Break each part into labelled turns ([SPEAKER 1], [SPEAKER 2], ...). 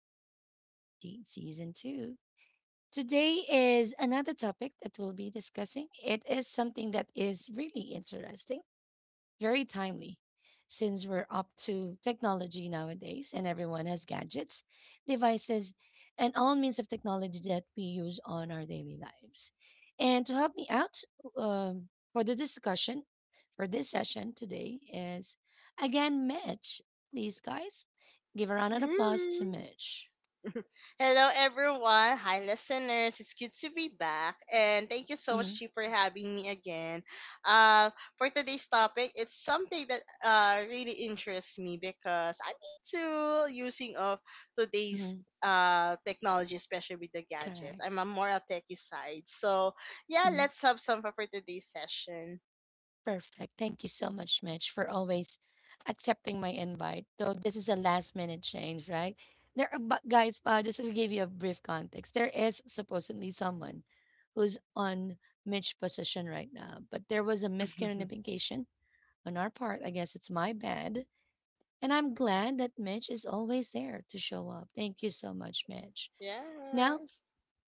[SPEAKER 1] to Daily Talk with G Season 2. Today is another topic that we'll be discussing. It is something that is really interesting very timely. Since we're up to technology nowadays and everyone has gadgets, devices, and all means of technology that we use on our daily lives. And to help me out for the discussion for this session today is again Mitch. Please, guys, give a round of applause to
[SPEAKER 2] Mm.
[SPEAKER 1] Mitch.
[SPEAKER 2] Hello, everyone. Hi, listeners. It's good to be back. And thank you so much,
[SPEAKER 1] Mm-hmm.
[SPEAKER 2] Chi, for having me again. Uh, for today's topic, it's something that really interests me because I'm into using of today's
[SPEAKER 1] Mm-hmm.
[SPEAKER 2] technology, especially with the gadgets. I'm
[SPEAKER 1] Correct.
[SPEAKER 2] a more a techie side. So, yeah,
[SPEAKER 1] Mm-hmm.
[SPEAKER 2] let's have some fun for today's session.
[SPEAKER 1] Perfect. Thank you so much, Mitch, for always accepting my invite. Though this is a last minute change, right? There, are, but guys, just to give you a brief context, there is supposedly someone who's on Mitch position right now, but there was a miscommunication on our part. I guess it's my bad, and I'm glad that Mitch is always there to show up. Thank you so much, Mitch.
[SPEAKER 2] Yeah.
[SPEAKER 1] Now,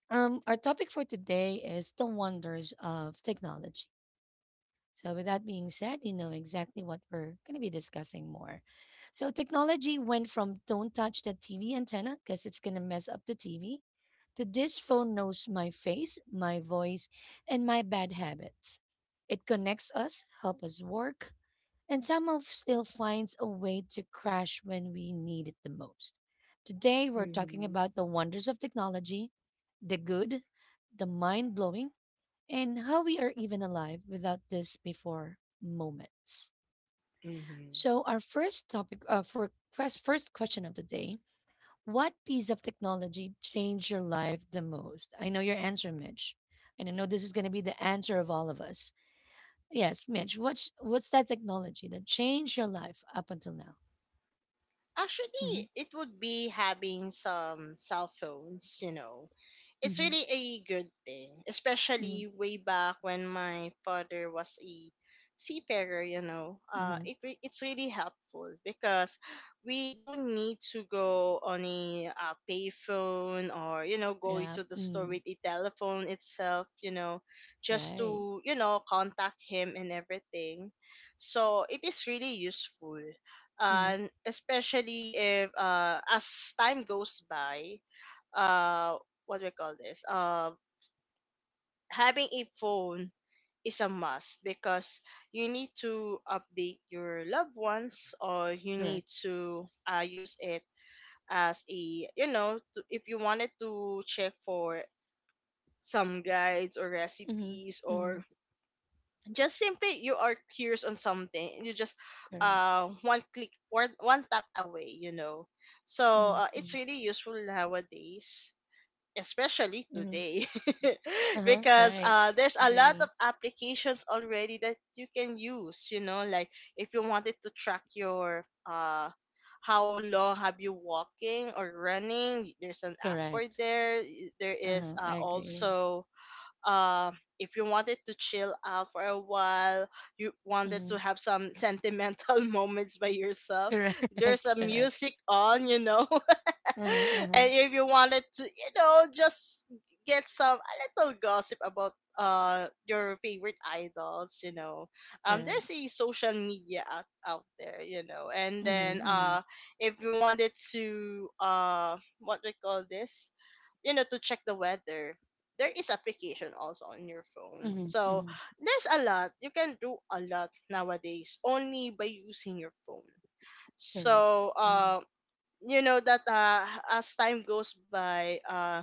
[SPEAKER 1] our topic for today is the wonders of technology. So, with that being said, you know exactly what we're going to be discussing more. So, technology went from don't touch the TV antenna because it's going to mess up the TV to this phone knows my face, my voice, and my bad habits. It connects us, helps us work, and somehow still finds a way to crash when we need it the most. Today, we're talking
[SPEAKER 2] Mm-hmm.
[SPEAKER 1] about the wonders of technology, the good, the mind blowing, and how we are even alive without this before moments.
[SPEAKER 2] Mm-hmm.
[SPEAKER 1] So, our first topic first question of the day. What piece of technology changed your life the most? I know your answer, Mitch. And I know this is going to be the answer of all of us. Yes, Mitch, what's that technology that changed your life up until now? hmm
[SPEAKER 2] Actually, it would be having some cell phones, you know, it's
[SPEAKER 1] hmm
[SPEAKER 2] really a good thing, especially
[SPEAKER 1] mm
[SPEAKER 2] way back when my father was a seafarer. You know, uh,
[SPEAKER 1] hmm
[SPEAKER 2] it re- it's really helpful because we don't need to go on a payphone, or going
[SPEAKER 1] Yeah.
[SPEAKER 2] to the store with a telephone itself. Just
[SPEAKER 1] Right.
[SPEAKER 2] to contact him and everything. So it is really useful.
[SPEAKER 1] hmm
[SPEAKER 2] And especially if as time goes by, uh, what do we call this? Having a phone is a must because you need to update your loved ones, or you
[SPEAKER 1] Correct.
[SPEAKER 2] need to use it as a to, if you wanted to check for some guides or
[SPEAKER 1] hmm
[SPEAKER 2] recipes,
[SPEAKER 1] hmm
[SPEAKER 2] or just simply you are curious on something, and you just
[SPEAKER 1] Correct.
[SPEAKER 2] one click or one tap away, so it's
[SPEAKER 1] hmm
[SPEAKER 2] really useful nowadays, especially
[SPEAKER 1] hmm
[SPEAKER 2] today.
[SPEAKER 1] Uh huh.
[SPEAKER 2] Because
[SPEAKER 1] Right.
[SPEAKER 2] there's a lot of
[SPEAKER 1] Agree.
[SPEAKER 2] applications already that you can use, like, if you wanted to track your how long have you walking or running, there's an app for
[SPEAKER 1] Correct.
[SPEAKER 2] there. There is
[SPEAKER 1] Uh-huh. I agree.
[SPEAKER 2] also, uh, if you wanted to chill out for a while, you wanted to
[SPEAKER 1] Mm-hmm.
[SPEAKER 2] have some sentimental moments by yourself,
[SPEAKER 1] Correct.
[SPEAKER 2] there's a
[SPEAKER 1] Correct.
[SPEAKER 2] music on,
[SPEAKER 1] Uh-huh. Uh-huh.
[SPEAKER 2] and if you wanted to, just get some a little gossip about your favorite idols,
[SPEAKER 1] Correct.
[SPEAKER 2] there's a social media out there, and then
[SPEAKER 1] Mm-hmm. Mm-hmm.
[SPEAKER 2] if you wanted to, what we call this, to check the weather. There is application also on your phone.
[SPEAKER 1] Mm-hmm.
[SPEAKER 2] So
[SPEAKER 1] Mm-hmm.
[SPEAKER 2] there's a lot. You can do a lot nowadays only by using your phone.
[SPEAKER 1] Correct.
[SPEAKER 2] So,
[SPEAKER 1] Mm-hmm.
[SPEAKER 2] you know that as time goes by, uh,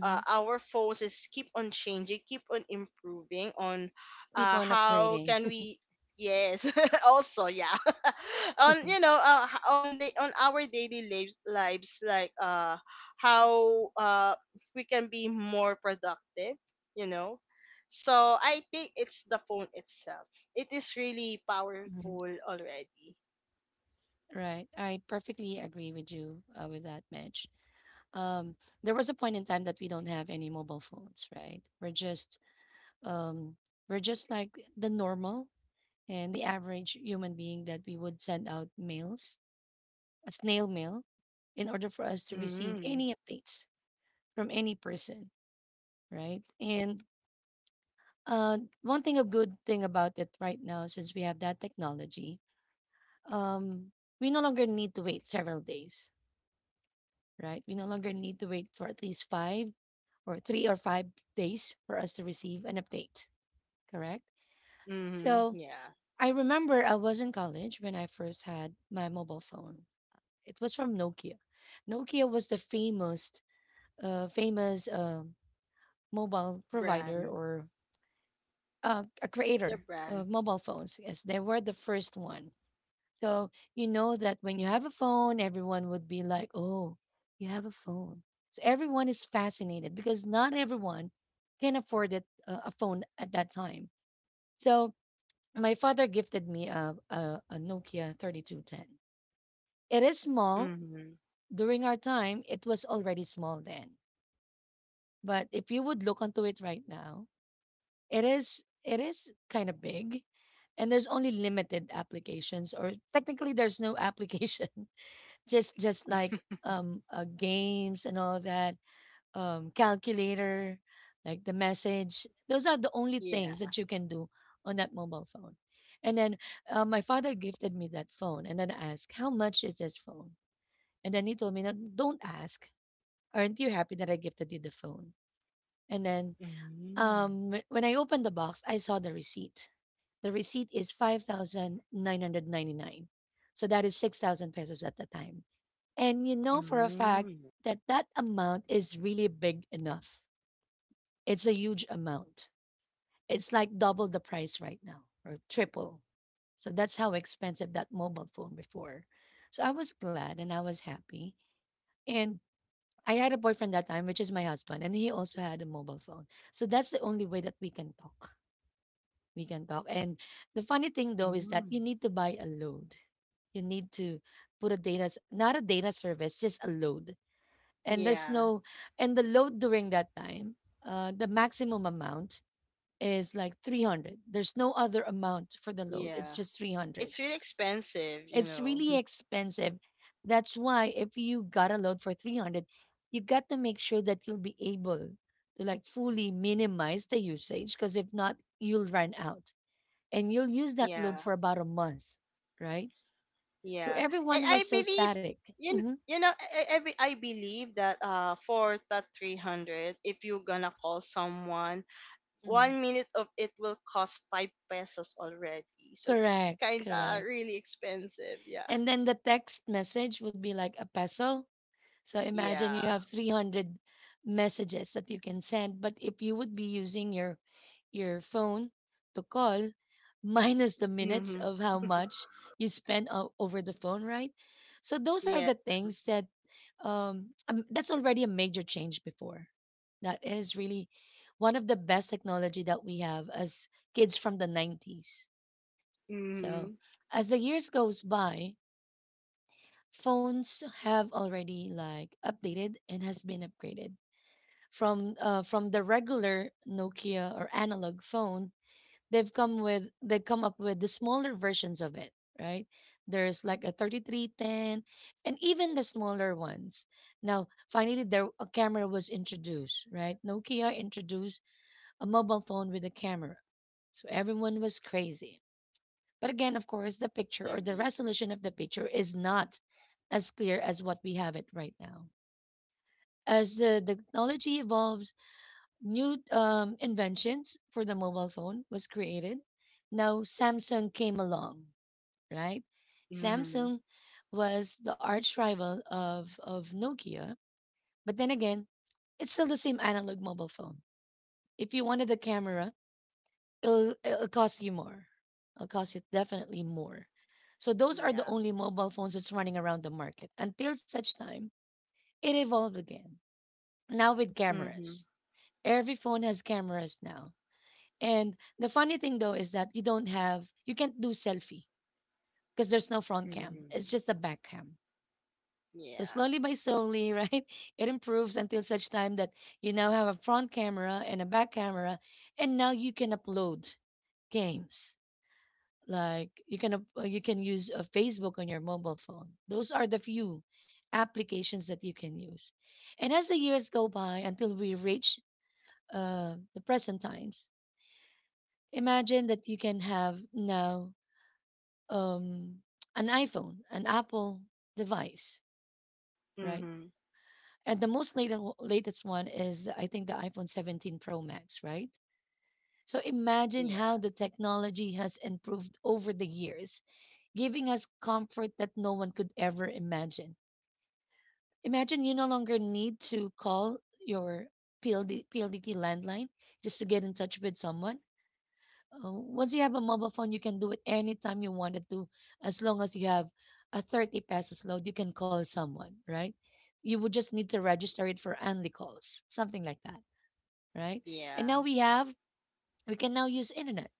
[SPEAKER 2] uh our phones is keep on changing, keep on improving on
[SPEAKER 1] Keep on
[SPEAKER 2] how
[SPEAKER 1] upgrading.
[SPEAKER 2] can we, yes, also, yeah, on,
[SPEAKER 1] hmm
[SPEAKER 2] on the on our daily lives like, how we can be more productive, you know. So I think it's the phone itself. It is really powerful already.
[SPEAKER 1] Right. I perfectly agree with you with that, Mitch. Um, there was a point in time that we don't have any mobile phones, right? Um, we're just like the normal and the average human being that we would send out mails, a snail mail, in order for us to receive
[SPEAKER 2] Mm-hmm.
[SPEAKER 1] any updates from any person, right? And one thing, a good thing about it right now, since we have that technology, um, we no longer need to wait several days, right? We no longer need to wait for at least 5 or 3 or 5 days for us to receive an update, correct?
[SPEAKER 2] Mm-hmm.
[SPEAKER 1] So
[SPEAKER 2] Yeah.
[SPEAKER 1] I remember I was in college when I first had my mobile phone. It was from Nokia. Nokia was the famous, uh, famous uh, mobile provider
[SPEAKER 2] Brand.
[SPEAKER 1] or a
[SPEAKER 2] The
[SPEAKER 1] creator
[SPEAKER 2] brand.
[SPEAKER 1] of mobile phones. Yes, they were the first one. So you know that when you have a phone, everyone would be like, "Oh, you have a phone." So everyone is fascinated because not everyone can afford it, a phone at that time. So my father gifted me a Nokia 3210. It is small.
[SPEAKER 2] Mhm.
[SPEAKER 1] During our time, it was already small then. But if you would look onto it right now, it is kind of big and there's only limited applications or technically there's no application. Just like games and all that, calculator, like the message. Those are the only things that
[SPEAKER 2] Yeah.
[SPEAKER 1] you can do on that mobile phone. And then my father gifted me that phone and then I asked, "How much is this phone?" And then he told me, "No, don't ask. Aren't you happy that I gifted you the phone?" And then
[SPEAKER 2] Mm.
[SPEAKER 1] when I opened the box, I saw the receipt. The receipt is 5,999. So that is 6,000 pesos at the time. And you know for a fact
[SPEAKER 2] Mm.
[SPEAKER 1] that that amount is really big enough. It's a huge amount. It's like double the price right now or triple. So that's how expensive that mobile phone before. So I was glad and I was happy. And I had a boyfriend that time, which is my husband, and he also had a mobile phone. So that's the only way that we can talk. We can talk. And the funny thing though is that
[SPEAKER 2] Mm.
[SPEAKER 1] you need to buy a load. You need to put a data, not a data service, just a load. And there's
[SPEAKER 2] Yeah.
[SPEAKER 1] no, and the load during that time, the maximum amount is like 300. There's no other amount for the load. It's
[SPEAKER 2] Yeah.
[SPEAKER 1] just 300.
[SPEAKER 2] It's really expensive, you
[SPEAKER 1] It's
[SPEAKER 2] know.
[SPEAKER 1] really expensive. That's why if you got a load for 300, you got to make sure that you'll be able to like fully minimize the usage because if not, you'll run out and you'll use that loan
[SPEAKER 2] Yeah.
[SPEAKER 1] for about a month, right? So
[SPEAKER 2] Yeah. And
[SPEAKER 1] everyone
[SPEAKER 2] I
[SPEAKER 1] was so
[SPEAKER 2] believe
[SPEAKER 1] static.
[SPEAKER 2] you,
[SPEAKER 1] hmm
[SPEAKER 2] you know I, be- I believe that for that 300, if you're gonna call someone,
[SPEAKER 1] Mm-hmm.
[SPEAKER 2] 1 minute of it will cost 5 pesos already. So it's
[SPEAKER 1] Correct,
[SPEAKER 2] kind of
[SPEAKER 1] correct.
[SPEAKER 2] really expensive. Yeah.
[SPEAKER 1] And then the text message would be like a peso, So imagine you
[SPEAKER 2] Yeah.
[SPEAKER 1] have 300 messages that you can send, but if you would be using your phone to call minus the minutes
[SPEAKER 2] Mhm.
[SPEAKER 1] of how much you spend over the phone, right? So those are
[SPEAKER 2] Yeah.
[SPEAKER 1] the things that that's already a major change before. That is really one of the best technology that we have as kids from the 90s. So
[SPEAKER 2] Mhm.
[SPEAKER 1] as the years goes by, phones have already like updated and has been upgraded from the regular Nokia or analog phone. They come up with the smaller versions of it, right? There's like a 3310 and even the smaller ones. Now, finally there a camera was introduced, right? Nokia introduced a mobile phone with a camera. So everyone was crazy but again, of course, the
[SPEAKER 2] I
[SPEAKER 1] picture or the
[SPEAKER 2] agree.
[SPEAKER 1] resolution of the picture is not as clear as what we have it right now. As the technology evolves, new inventions for the mobile phone was created. Now Samsung came along, right?
[SPEAKER 2] Mhm.
[SPEAKER 1] Samsung was the arch rival of Nokia. But then again, it's still the same analog mobile phone. If you wanted a camera, it'll cost you more. It'll cost you definitely more. So those are the
[SPEAKER 2] Yeah.
[SPEAKER 1] only mobile phones that's running around the market until such time it evolved again. Now with
[SPEAKER 2] Mhm.
[SPEAKER 1] cameras. Every phone has cameras now. And the funny thing though is that you don't have you can't do selfie because there's no front cam. It's
[SPEAKER 2] Mhm.
[SPEAKER 1] just the back cam. So
[SPEAKER 2] Yeah.
[SPEAKER 1] slowly by slowly, right? It improves until such time that you now have a front camera and a back camera and now you can upload games like you can use Facebook on your mobile phone. Those are the few applications that you can use. And as the years go by until we reach the present times, imagine that you can have now um, an iPhone, an Apple device, right?
[SPEAKER 2] Mhm.
[SPEAKER 1] And the most latest one is I think the iPhone 17 Pro Max, right? So imagine
[SPEAKER 2] Yeah.
[SPEAKER 1] how the technology has improved over the years giving us comfort that no one could ever imagine. Imagine you no longer need to call your PLD, landline just to get in touch with someone. Once you have a mobile phone, you can do it anytime you wanted to, as long as you have a 30 pesos load, you can call someone, right? You would just need to register it for only calls, something like that, right? And now
[SPEAKER 2] Yeah.
[SPEAKER 1] we can now use internet.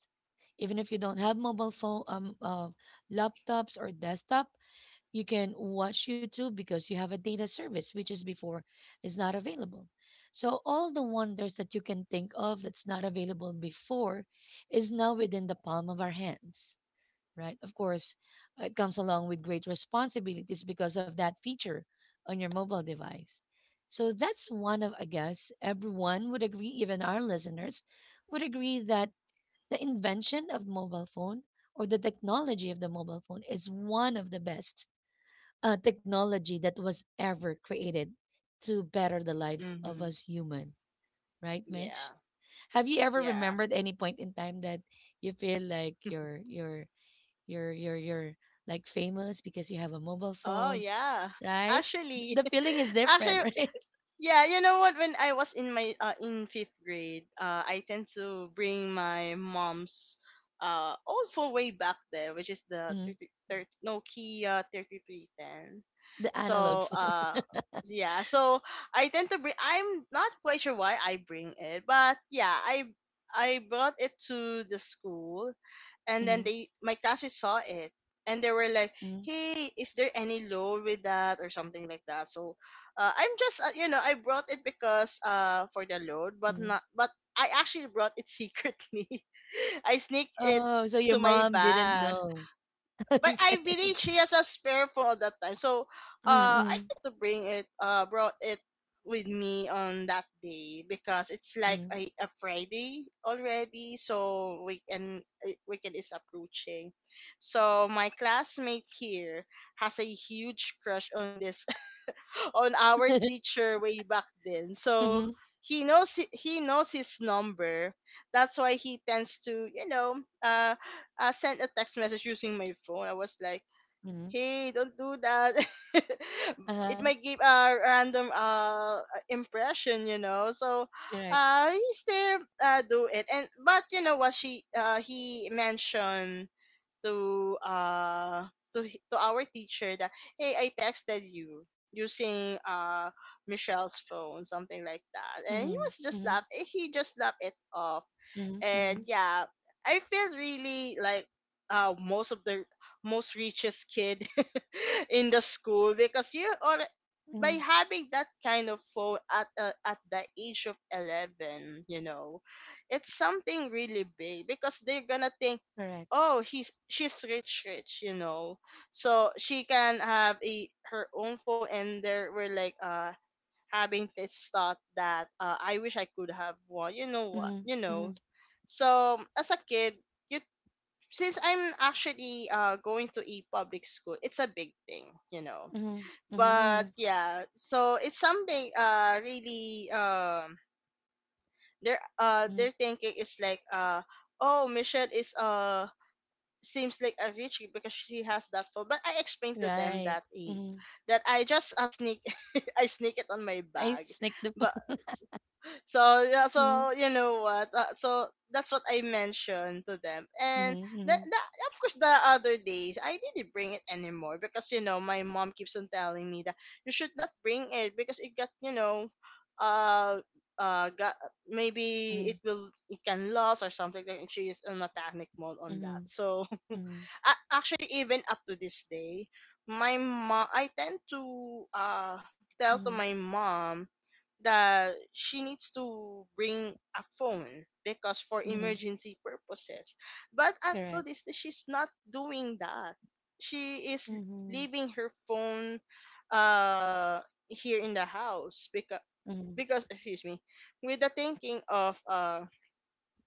[SPEAKER 1] Even if you don't have mobile phone, laptops or desktop, you can watch YouTube because you have a data service, which is before is not available. So all the wonders that you can think of that's not available before is now within the palm of our hands, right? Of course, it comes along with great responsibilities because of that feature on your mobile device. So that's one of, I guess, everyone would agree, even our listeners would agree that the invention of mobile phone or the technology of the mobile phone is one of the best technology that was ever created to better the lives of
[SPEAKER 2] Mhm.
[SPEAKER 1] us human, right, Mitch?
[SPEAKER 2] Yeah.
[SPEAKER 1] Have you ever
[SPEAKER 2] Yeah.
[SPEAKER 1] remembered any point in time that you feel like you're like famous because you have a mobile
[SPEAKER 2] Oh,
[SPEAKER 1] phone,
[SPEAKER 2] yeah.
[SPEAKER 1] right?
[SPEAKER 2] Actually,
[SPEAKER 1] The feeling is different.
[SPEAKER 2] actually,
[SPEAKER 1] Right.
[SPEAKER 2] yeah, you know what? When I was in fifth grade, I tend to bring my mom's old phone way back there, which is the
[SPEAKER 1] Mhm.
[SPEAKER 2] 30, thirty Nokia 3310.
[SPEAKER 1] The analog
[SPEAKER 2] So,
[SPEAKER 1] phone.
[SPEAKER 2] yeah, so I tend to bring. I'm not quite sure why I bring it, but yeah, I brought it to the school, and then
[SPEAKER 1] Mhm,
[SPEAKER 2] they my classmates saw it, and they were like,
[SPEAKER 1] mhm,
[SPEAKER 2] "Hey, is there any load with that or something like that?" So, I'm just, I brought it because for the load, but
[SPEAKER 1] mhm.
[SPEAKER 2] not but I actually brought it secretly. I sneak it
[SPEAKER 1] Oh, so
[SPEAKER 2] to
[SPEAKER 1] your
[SPEAKER 2] my
[SPEAKER 1] mom didn't
[SPEAKER 2] bag,
[SPEAKER 1] know.
[SPEAKER 2] but I
[SPEAKER 1] Okay.
[SPEAKER 2] believe she has a spare phone at that time. So, I
[SPEAKER 1] Mm-hmm.
[SPEAKER 2] need to bring it, brought it with me on that day, because it's like
[SPEAKER 1] Mm-hmm.
[SPEAKER 2] a Friday already, so weekend, is approaching. So my classmate here has a huge crush on our teacher way back then. So
[SPEAKER 1] Mm-hmm.
[SPEAKER 2] he knows, he knows his number. That's why he tends to, uh, send a text message using my phone. I was like, "Hey, don't do that." It
[SPEAKER 1] Uh-huh.
[SPEAKER 2] might give a random impression, So,
[SPEAKER 1] Correct.
[SPEAKER 2] he still do it. And but, you know what, she he mentioned to, to our teacher that, "Hey, I texted you using Michelle's phone," something like that, and he
[SPEAKER 1] Mm-hmm.
[SPEAKER 2] was just
[SPEAKER 1] Mm-hmm.
[SPEAKER 2] he just laughed it off.
[SPEAKER 1] Mm-hmm.
[SPEAKER 2] And yeah, I feel really like, most of the most richest kid in the school, because you, or
[SPEAKER 1] Mhm.
[SPEAKER 2] by having that kind of phone at, at the age of 11, you know. It's something really big because they're gonna think,
[SPEAKER 1] Correct.
[SPEAKER 2] "Oh, he's she's rich, rich," you know. So she can have a her own phone. And there were like, having this thought that, "I wish I could have one." You know what?
[SPEAKER 1] Mhm. Mhm.
[SPEAKER 2] So, as a kid, you, Since I'm actually, going to a public school, it's a big thing, you know.
[SPEAKER 1] Mhm. Mhm.
[SPEAKER 2] But
[SPEAKER 1] Mhm.
[SPEAKER 2] yeah, so it's something, really, their, their
[SPEAKER 1] Mhm.
[SPEAKER 2] thinking is like, "Oh, Michelle is seems like a rich because she has that phone." But I explained to them
[SPEAKER 1] Right.
[SPEAKER 2] that, e
[SPEAKER 1] Mhm.
[SPEAKER 2] that I just, sneak, I sneak it on my
[SPEAKER 1] I
[SPEAKER 2] bag.
[SPEAKER 1] sneak the
[SPEAKER 2] But
[SPEAKER 1] food.
[SPEAKER 2] so, yeah,
[SPEAKER 1] Mhm.
[SPEAKER 2] so, you know what, so that's what I mentioned to them. And that,
[SPEAKER 1] Mhm.
[SPEAKER 2] that of course, the other days I didn't bring it anymore, because, you know, my mom keeps on telling me that you should not bring it, because it got, you know, uh got, maybe it
[SPEAKER 1] Mhm.
[SPEAKER 2] will it can lose or something, like she is in a panic mode on that.
[SPEAKER 1] Mhm.
[SPEAKER 2] So,
[SPEAKER 1] Mhm. Mhm.
[SPEAKER 2] actually even up to this day, my mom, I tend to, uh tell to
[SPEAKER 1] Mhm.
[SPEAKER 2] my mom that she needs to bring a phone because for
[SPEAKER 1] Mhm.
[SPEAKER 2] emergency purposes. But up to
[SPEAKER 1] Correct.
[SPEAKER 2] this day, she's not doing that. She is
[SPEAKER 1] Mhm.
[SPEAKER 2] leaving her phone, uh here in the house, because,
[SPEAKER 1] Mhm.
[SPEAKER 2] excuse me, with the thinking of,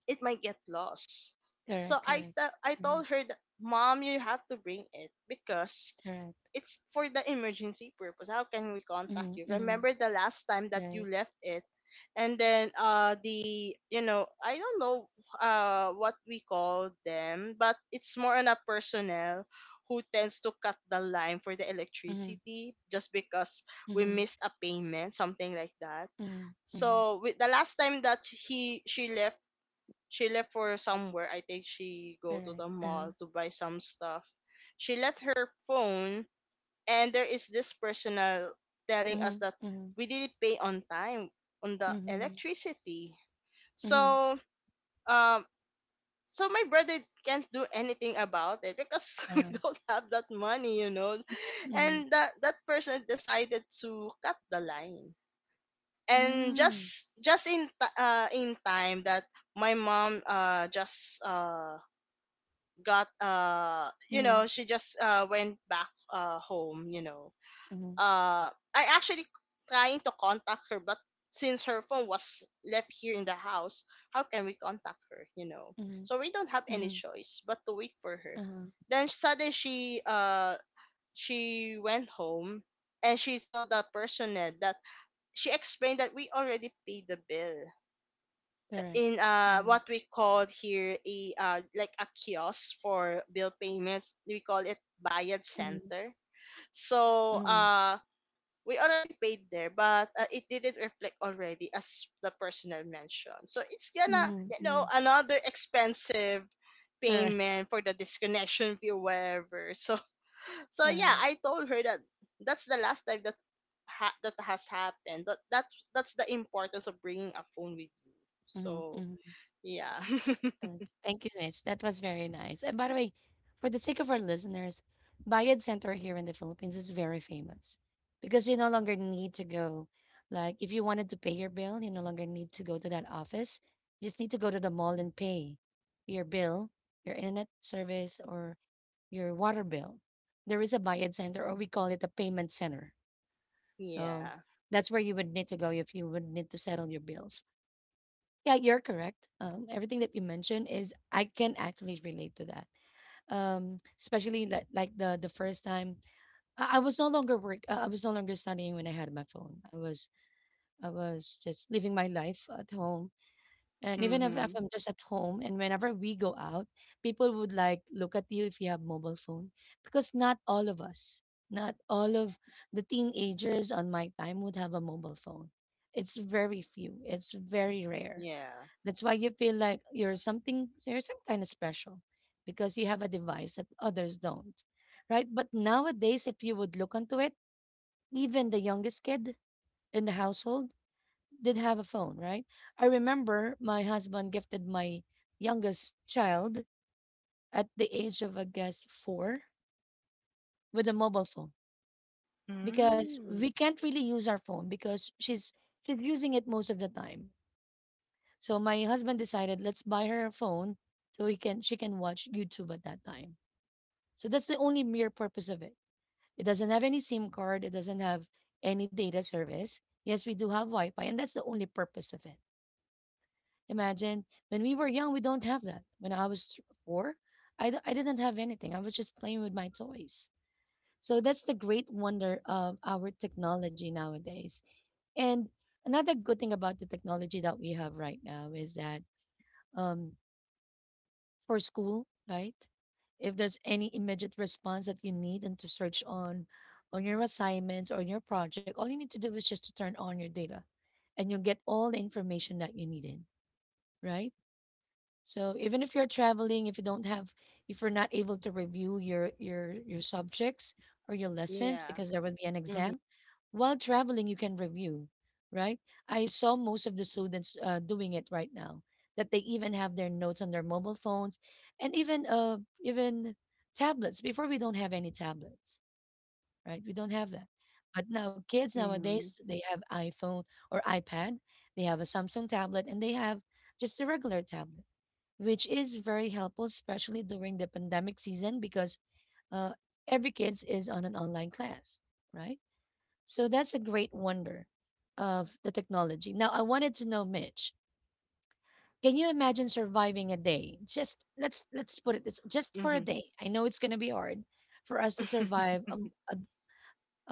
[SPEAKER 2] it might get lost. So
[SPEAKER 1] Correct.
[SPEAKER 2] I,
[SPEAKER 1] Correct.
[SPEAKER 2] I told
[SPEAKER 1] Mhm.
[SPEAKER 2] her that, "Mom, you have to bring it, because
[SPEAKER 1] Correct.
[SPEAKER 2] it's for the emergency purpose. How can we contact
[SPEAKER 1] Mhm.
[SPEAKER 2] you?
[SPEAKER 1] Mhm.
[SPEAKER 2] Remember the last time that you
[SPEAKER 1] Right.
[SPEAKER 2] left it, and then, the, I don't know, what we call them, but it's more on a personnel who tends to cut the line for the
[SPEAKER 1] Mhm.
[SPEAKER 2] electricity just because we
[SPEAKER 1] Mhm.
[SPEAKER 2] missed a payment," something like that.
[SPEAKER 1] Mhm. Mhm.
[SPEAKER 2] So, with the last time that he she left, she left for somewhere. I think she go to
[SPEAKER 1] Correct.
[SPEAKER 2] the
[SPEAKER 1] Uh-huh.
[SPEAKER 2] mall to buy some stuff. She left her phone, and there is this personnel telling us
[SPEAKER 1] Mhm.
[SPEAKER 2] that
[SPEAKER 1] Mhm.
[SPEAKER 2] we didn't pay on time on the
[SPEAKER 1] Mhm.
[SPEAKER 2] electricity.
[SPEAKER 1] Mhm.
[SPEAKER 2] So, um, my brother can't do anything about it, because we
[SPEAKER 1] Uh-huh.
[SPEAKER 2] don't have that money, you know.
[SPEAKER 1] Mhm.
[SPEAKER 2] And that person decided to cut the line. And
[SPEAKER 1] Mm.
[SPEAKER 2] just in time that my mom, just, got,
[SPEAKER 1] Mhm.
[SPEAKER 2] she just, went back, home,
[SPEAKER 1] Mhm.
[SPEAKER 2] uh I actually trying to contact her, but since her phone was left here in the house, how can we contact her, you know,
[SPEAKER 1] Mhm.
[SPEAKER 2] so we don't have any
[SPEAKER 1] Mhm.
[SPEAKER 2] choice but to wait for her.
[SPEAKER 1] Uh-huh.
[SPEAKER 2] Then suddenly she, she went home, and she saw the personnel that she explained that we already paid the bill
[SPEAKER 1] Correct.
[SPEAKER 2] in,
[SPEAKER 1] Mhm.
[SPEAKER 2] what we called here a, like a kiosk for bill payments. We call it Bayad
[SPEAKER 1] Mhm.
[SPEAKER 2] Center. So,
[SPEAKER 1] Mhm.
[SPEAKER 2] we already paid there, but, it didn't reflect already as the personal mention. So it's gonna,
[SPEAKER 1] Mhm, mhm.
[SPEAKER 2] another expensive
[SPEAKER 1] Correct.
[SPEAKER 2] payment for the disconnection fee or whatever. So so yeah,
[SPEAKER 1] Uh-huh.
[SPEAKER 2] I told her that that's the last time that, that has happened. That's the importance of bringing a phone with you.
[SPEAKER 1] Mhm,
[SPEAKER 2] So
[SPEAKER 1] mhm.
[SPEAKER 2] yeah.
[SPEAKER 1] Good. Thank you, Mitch. That was very nice. And by the way, for the sake of our listeners, Bayad Center here in the Philippines is very famous because you no longer need to go. Like, if you wanted to pay your bill, you no longer need to go to that office. You just need to go to the mall and pay your bill, your internet service, or your water bill. There is a Bayad Center, or we call it a payment center. So
[SPEAKER 2] Yeah.
[SPEAKER 1] that's where you would need to go if you would need to settle your bills. Yeah, you're correct. Everything that you mentioned is I can actually relate to that. Especially that like the first time I was no longer work. I was no longer studying when I had my phone. I was just living my life at home. And even if
[SPEAKER 2] Mm-hmm.
[SPEAKER 1] I'm just at home, and whenever we go out, people would like look at you if you have mobile phone because not all of us, not all of the teenagers on my time would have a mobile phone. It's very few. It's very rare,
[SPEAKER 2] Yeah.
[SPEAKER 1] that's why you feel like you're something, you're some kind of special because you have a device that others don't, right? But nowadays, if you would look into it, even the youngest kid in the household did have a phone, right? I remember my husband gifted my youngest child at the age of, I guess, four with a mobile phone because we
[SPEAKER 2] Mm-hmm.
[SPEAKER 1] can't really use our phone because she's using it most of the time. So my husband decided, let's buy her a phone so he can, she can watch YouTube at that time. So that's the only mere purpose of it. It doesn't have any SIM card, it doesn't have any data service. Yes, we do have Wi-Fi, and that's the only purpose of it. Imagine when we were young, we don't have that. When I was four, I didn't have anything. I was just playing with my toys. So that's the great wonder of our technology nowadays. And another good thing about the technology that we have right now is that, um, for school, right? If there's any immediate response that you need and to search on your assignments or your project, all you need to do is just to turn on your data and you'll get all the information that you needed, right? So even if you're traveling, if you don't have, if you're not able to review your your subjects or your lessons
[SPEAKER 2] Yeah.
[SPEAKER 1] because there will be an
[SPEAKER 2] Mm-hmm.
[SPEAKER 1] exam, while traveling you can review, right? I saw most of the students doing it right now. That they even have their notes on their mobile phones, and even tablets. Before we don't have any tablets, right? We don't have that. But now kids
[SPEAKER 2] Mm-hmm.
[SPEAKER 1] nowadays they have iPhone or iPad, they have a Samsung tablet, and they have just a regular tablet, which is very helpful, especially during the pandemic season because, uh, every kids is on an online class, right? So that's a great wonder of the technology. Now, I wanted to know, Mitch, can you imagine surviving a day? Just let's put it this just for a
[SPEAKER 2] Mm-hmm.
[SPEAKER 1] day. I know it's going to be hard for us to survive um, a,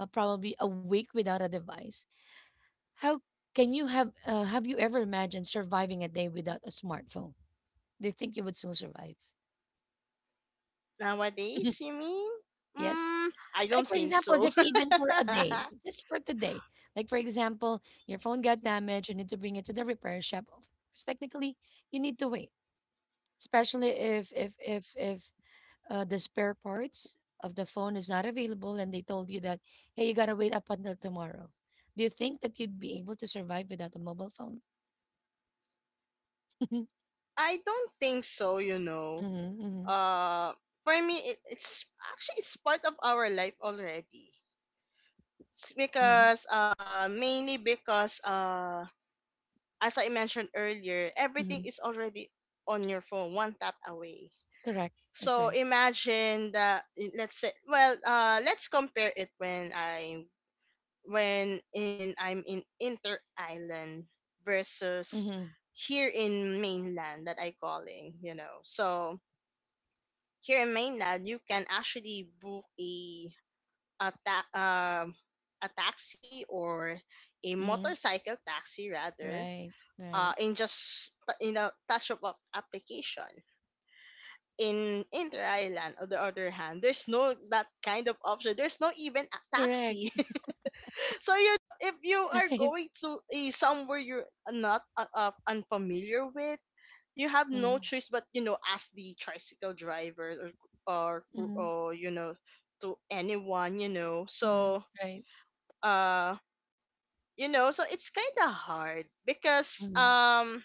[SPEAKER 1] a, probably a week without a device. How can you have you ever imagined surviving a day without a smartphone? Do you think you would still survive?
[SPEAKER 2] Nowadays, you mean?
[SPEAKER 1] Yes.
[SPEAKER 2] Mm, I
[SPEAKER 1] Like
[SPEAKER 2] don't
[SPEAKER 1] for
[SPEAKER 2] think
[SPEAKER 1] example,
[SPEAKER 2] so.
[SPEAKER 1] just even for a day, just for today. Like for example, your phone got damaged, you need to bring it to the repair shop. Of course, technically, you need to wait, especially if the spare parts of the phone is not available, and they told you that, hey, you gotta wait up until tomorrow. Do you think that you'd be able to survive without a mobile phone? Hmm.
[SPEAKER 2] I don't think so, you know.
[SPEAKER 1] Hmm.
[SPEAKER 2] Uh, for me, it, it's actually it's part of our life already. It's
[SPEAKER 1] Hmm.
[SPEAKER 2] because, mainly because, as I mentioned earlier, everything
[SPEAKER 1] Hmm.
[SPEAKER 2] is already on your phone, one tap away.
[SPEAKER 1] Correct. That's
[SPEAKER 2] So
[SPEAKER 1] right.
[SPEAKER 2] imagine that, let's say, well, let's compare it, when I when in I'm in Inter Island versus
[SPEAKER 1] Hmm.
[SPEAKER 2] here in mainland that I calling, you know. So here in mainland, you can actually book a, a ta- um a taxi, or a
[SPEAKER 1] Hmm.
[SPEAKER 2] motorcycle taxi rather,
[SPEAKER 1] Right. Right.
[SPEAKER 2] in just, touch up application. In Inter Island, on the other hand, there's no that kind of option. There's no even a taxi.
[SPEAKER 1] Correct.
[SPEAKER 2] So, you know, if you are
[SPEAKER 1] Right.
[SPEAKER 2] going to a somewhere you're not, unfamiliar with, you have no
[SPEAKER 1] Mm-hmm.
[SPEAKER 2] choice but, ask the tricycle driver, or,
[SPEAKER 1] Mm-hmm.
[SPEAKER 2] you know, to anyone, you know.
[SPEAKER 1] Mm-hmm. Right.
[SPEAKER 2] Uh so it's kind of hard because
[SPEAKER 1] Mhm,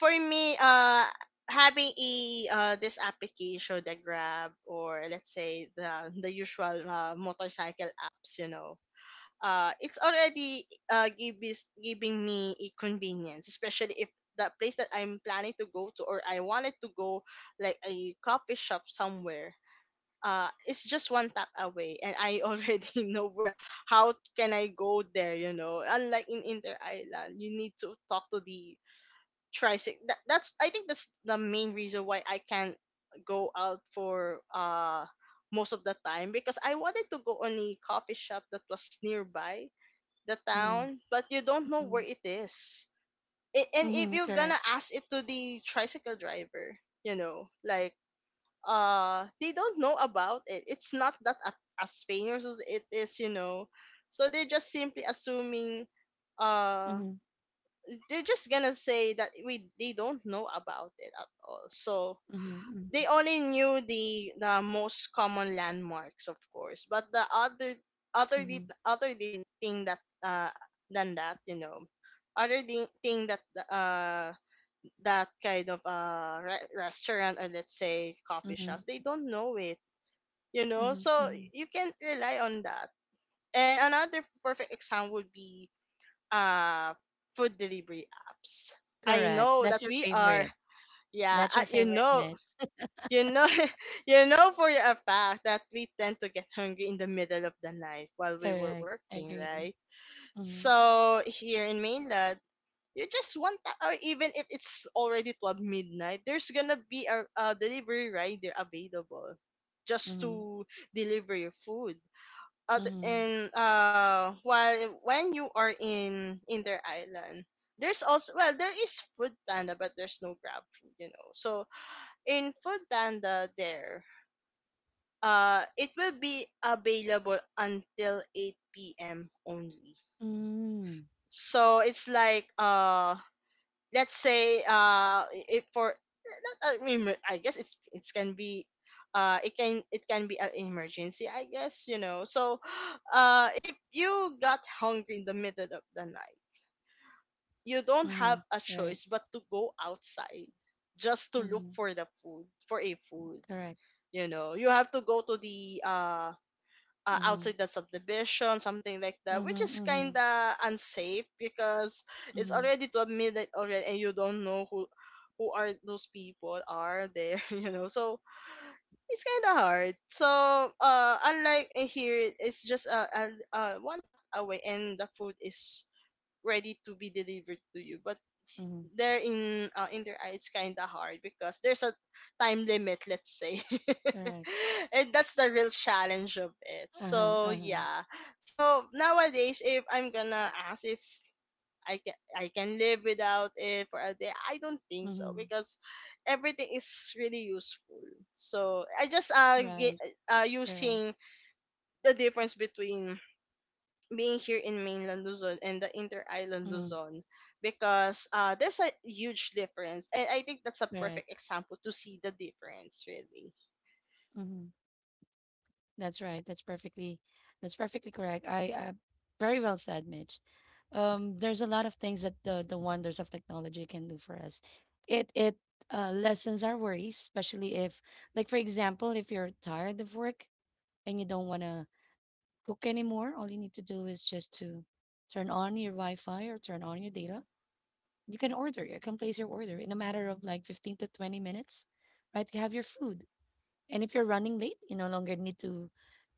[SPEAKER 2] for me, having a this application, the Grab, or let's say the usual motorcycle apps, it's already giving me a convenience, especially if the place that I'm planning to go to, or I wanted to go, like a coffee shop somewhere. It's just one tap away, and I already know where. How can I go there? Unlike in Inter Island, you need to talk to the tricycle. That's, I think that's the main reason why I can't go out for most of the time, because I wanted to go on a coffee shop that was nearby the
[SPEAKER 1] mhm,
[SPEAKER 2] town, but you don't
[SPEAKER 1] mhm,
[SPEAKER 2] know where it is. And
[SPEAKER 1] mhm,
[SPEAKER 2] if
[SPEAKER 1] correct.
[SPEAKER 2] you're gonna ask it to the tricycle driver, like they don't know about it. It's not that as famous as it is. So they're just simply assuming uh
[SPEAKER 1] Mhm,
[SPEAKER 2] they're just gonna say that we they don't know about it at all. So
[SPEAKER 1] mhm, mhm,
[SPEAKER 2] they only knew the most common landmarks, of course. But the other
[SPEAKER 1] mhm,
[SPEAKER 2] thing that than that, thing uh that kind of restaurant, or let's say coffee
[SPEAKER 1] mhm,
[SPEAKER 2] shops, they don't know it.
[SPEAKER 1] mhm,
[SPEAKER 2] So
[SPEAKER 1] mhm.
[SPEAKER 2] you can rely on that. And another perfect example would be uh food delivery apps. I
[SPEAKER 1] Correct.
[SPEAKER 2] know
[SPEAKER 1] That's
[SPEAKER 2] that
[SPEAKER 1] your
[SPEAKER 2] we are,
[SPEAKER 1] favorite.
[SPEAKER 2] yeah,
[SPEAKER 1] That's your favorite match.
[SPEAKER 2] you know you know for a fact that we tend to get hungry in the middle of the night while we were
[SPEAKER 1] Correct.
[SPEAKER 2] working,
[SPEAKER 1] Agree.
[SPEAKER 2] right?
[SPEAKER 1] Mhm,
[SPEAKER 2] So here in mainland, you just want that, or even if it's already 12 midnight, there's gonna be a delivery rider available just
[SPEAKER 1] mhm,
[SPEAKER 2] to deliver your food, other
[SPEAKER 1] mhm,
[SPEAKER 2] in while when you are in their island. There's also, well, there is Food Panda, but there's no Grab Food, so in Food Panda, there it will be available until 8 p.m only.
[SPEAKER 1] mhm,
[SPEAKER 2] So it's like, let's say, if for not a emer- I guess it can be, it can be an emergency, I guess, so. If you got hungry in the middle of the night, you don't have
[SPEAKER 1] mhm.
[SPEAKER 2] a
[SPEAKER 1] Right.
[SPEAKER 2] choice but to go outside just to look
[SPEAKER 1] Mhm.
[SPEAKER 2] for the food for a food.
[SPEAKER 1] Correct.
[SPEAKER 2] You have to go to the outside
[SPEAKER 1] Mhm,
[SPEAKER 2] the subdivision, something like that, which
[SPEAKER 1] mhm,
[SPEAKER 2] is kind
[SPEAKER 1] mhm,
[SPEAKER 2] of unsafe because it's
[SPEAKER 1] mhm,
[SPEAKER 2] already to midnight already, and you don't know who are those people are there, you know. So it's kind of hard. So unlike in here, it's just a one tap away, and the food is ready to be delivered to you. But
[SPEAKER 1] mhm.
[SPEAKER 2] there in their eye, it's kind of hard because there's a time limit, let's say.
[SPEAKER 1] Correct.
[SPEAKER 2] And that's the real challenge of it.
[SPEAKER 1] Uh-huh,
[SPEAKER 2] So
[SPEAKER 1] uh-huh.
[SPEAKER 2] yeah. So nowadays, if I'm gonna ask if I can live without it for a day, I don't think so,
[SPEAKER 1] Mhm.
[SPEAKER 2] because everything is really useful. So I just
[SPEAKER 1] Right. Correct.
[SPEAKER 2] using the difference between being here in mainland Luzon and the inter island
[SPEAKER 1] Mhm.
[SPEAKER 2] Luzon, because there's a huge difference, and I think that's a
[SPEAKER 1] Correct.
[SPEAKER 2] perfect example to see the difference really.
[SPEAKER 1] Mhm. That's right. That's perfectly, correct. I very well said, Mitch. There's a lot of things that the wonders of technology can do for us. It lessens our worries, especially if, like for example, if you're tired of work and you don't want to cook anymore, all you need to do is just to turn on your Wi-Fi or turn on your data. You can order. You can place your order in a matter of like 15 to 20 minutes, right? You have your food. And if you're running late, you no longer need to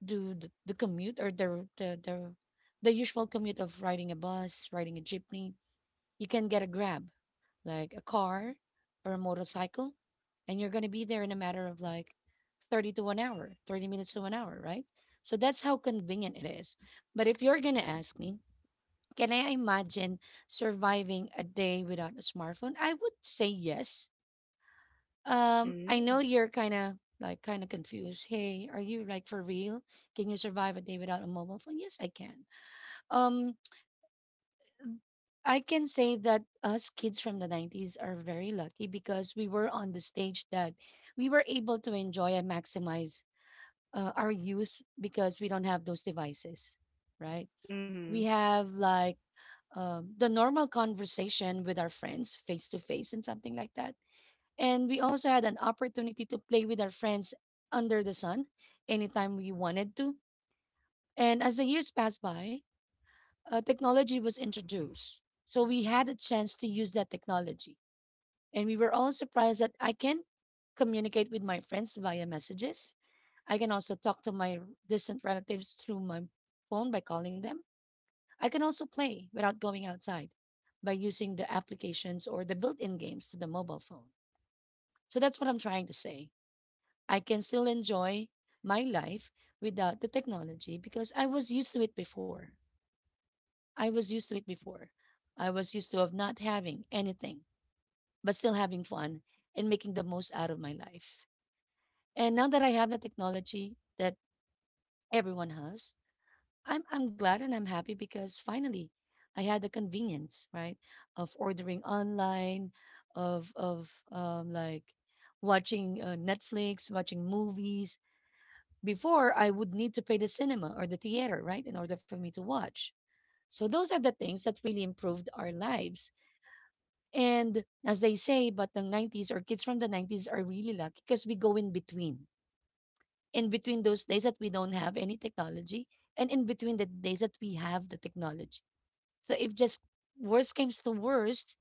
[SPEAKER 1] do the commute or the the usual commute of riding a bus, riding a jeepney. You can get a grab, like a car or a motorcycle, and you're gonna be there in a matter of like 30 to 1 hour, 30 minutes to 1 hour, right? So that's how convenient it is. But if you're gonna ask me, can I imagine surviving a day without a smartphone? I would say yes. I know
[SPEAKER 2] Mm.
[SPEAKER 1] you're kind of like kind of confused. Hey, are you like for real? Can you survive a day without a mobile phone? Yes, I can. Um, I can say that us kids from the 90s are very lucky because we were on the stage that we were able to enjoy and maximize our youth because we don't have those devices, right? We
[SPEAKER 2] Mhm.
[SPEAKER 1] have like, the normal conversation with our friends face to face and something like that. And we also had an opportunity to play with our friends under the sun anytime we wanted to. And as the years passed by, technology was introduced. So we had a chance to use that technology. And we were all surprised that I can communicate with my friends via messages. I can also talk to my distant relatives through my phone by calling them. I can also play without going outside by using the applications or the built in games to the mobile phone. So that's what I'm trying to say. I can still enjoy my life without the technology because I was used to it before. I was used to it before. I was used to of not having anything, but still having fun and making the most out of my life. And now that I have the technology that everyone has, I'm glad and I'm happy because finally I had the convenience, right, of ordering online, of like watching Netflix, watching movies. Before, I would need to pay the cinema or the theater, right, in order for me to watch. So those are the things that really improved our lives. And as they say, but the 90s or kids from the 90s are really lucky because we go in between. In between those days that we don't have any technology and in between the days that we have the technology. So if just worst comes to worst,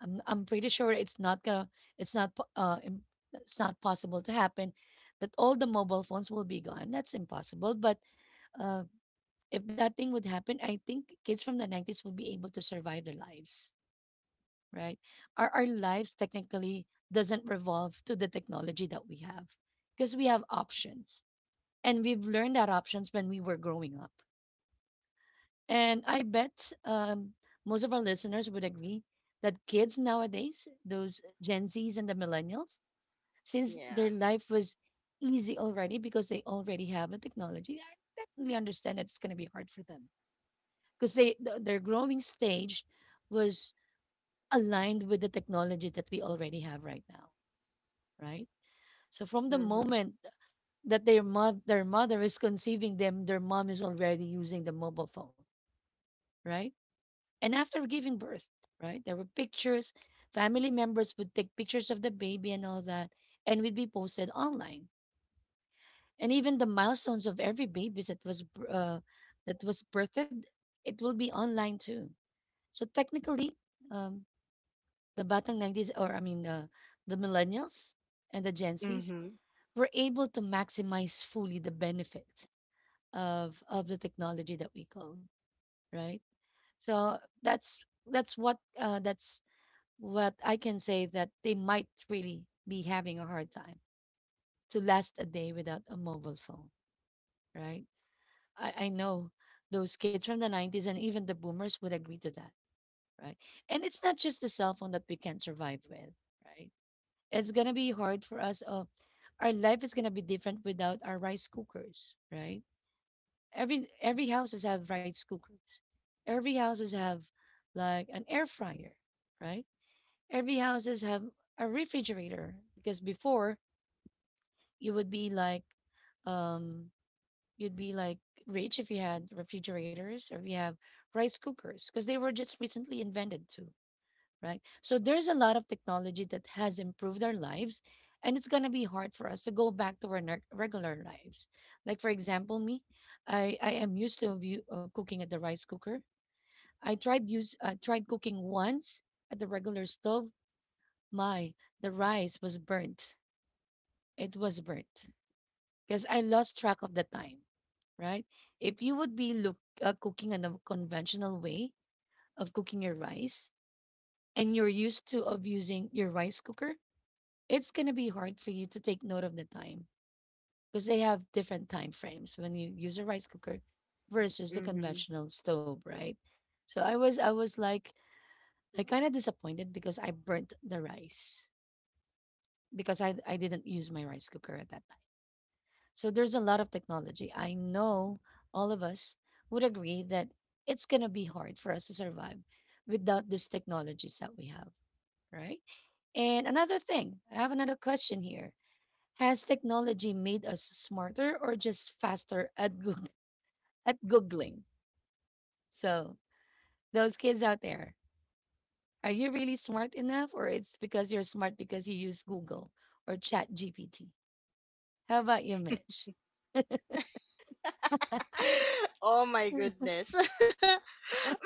[SPEAKER 1] I'm pretty sure it's not gonna, it's not, po- uh, im- it's not possible to happen that all the mobile phones will be gone. That's impossible. But uh, if that thing would happen, I think kids from the 90s would be able to survive their lives, right? Our lives technically doesn't revolve to the technology that we have because we have options and we've learned that options when we were growing up. And I bet, most of our listeners would agree that kids nowadays, those Gen Zs and the millennials, since their
[SPEAKER 2] Yeah.
[SPEAKER 1] life was easy already because they already have the technology, I definitely understand that it's going to be hard for them because their growing stage was aligned with the technology that we already have right now, right? So from the
[SPEAKER 2] Mhm.
[SPEAKER 1] moment that their mother is conceiving them, their mom is already using the mobile phone, right? And after giving birth, right, there were pictures, family members would take pictures of the baby and all that, and would be posted online, and even the milestones of every baby that was that was birthed, it will be online too. So technically, um, the batang 90s, or I mean the millennials and the Gen Zs
[SPEAKER 2] Mhm.
[SPEAKER 1] were able to maximize fully the benefit of the technology that we call, right. So that's that's what that's what I can say that they might really be having a hard time to last a day without a mobile phone, right? I know those kids from the 90s and even the boomers would agree to that, right? And it's not just the cell phone that we can survive with, right? It's gonna be hard for us. Our life is gonna be different without our rice cookers, right? Every houses have rice cookers. Every houses have like an air fryer, right? Every houses have a refrigerator because before you would be like, um, you'd be like rich if you had refrigerators or if you have rice cookers because they were just recently invented too, right? So there's a lot of technology that has improved our lives, and it's gonna be hard for us to go back to our regular lives. Like for example, me, I am used to view, cooking at the rice cooker. I tried cooking once at the regular stove. My The rice was burnt. It was burnt because I lost track of the time, right? If you would be look cooking in a conventional way of cooking your rice, and you're used to of using your rice cooker, it's gonna be hard for you to take note of the time because they have different time frames when you use a rice cooker versus the
[SPEAKER 2] Mhm.
[SPEAKER 1] conventional stove, right? So I was kind of disappointed because I burnt the rice because I didn't use my rice cooker at that time. So there's a lot of technology. I know all of us would agree that it's gonna be hard for us to survive without these technologies that we have, right? And another thing, I have another question here. Has technology made us smarter or just faster at at googling? So, those kids out there, are you really smart enough or it's because you're smart because you use Google or Chat GPT? How about you, Mitch?
[SPEAKER 2] Oh my
[SPEAKER 1] Mm-hmm.
[SPEAKER 2] goodness.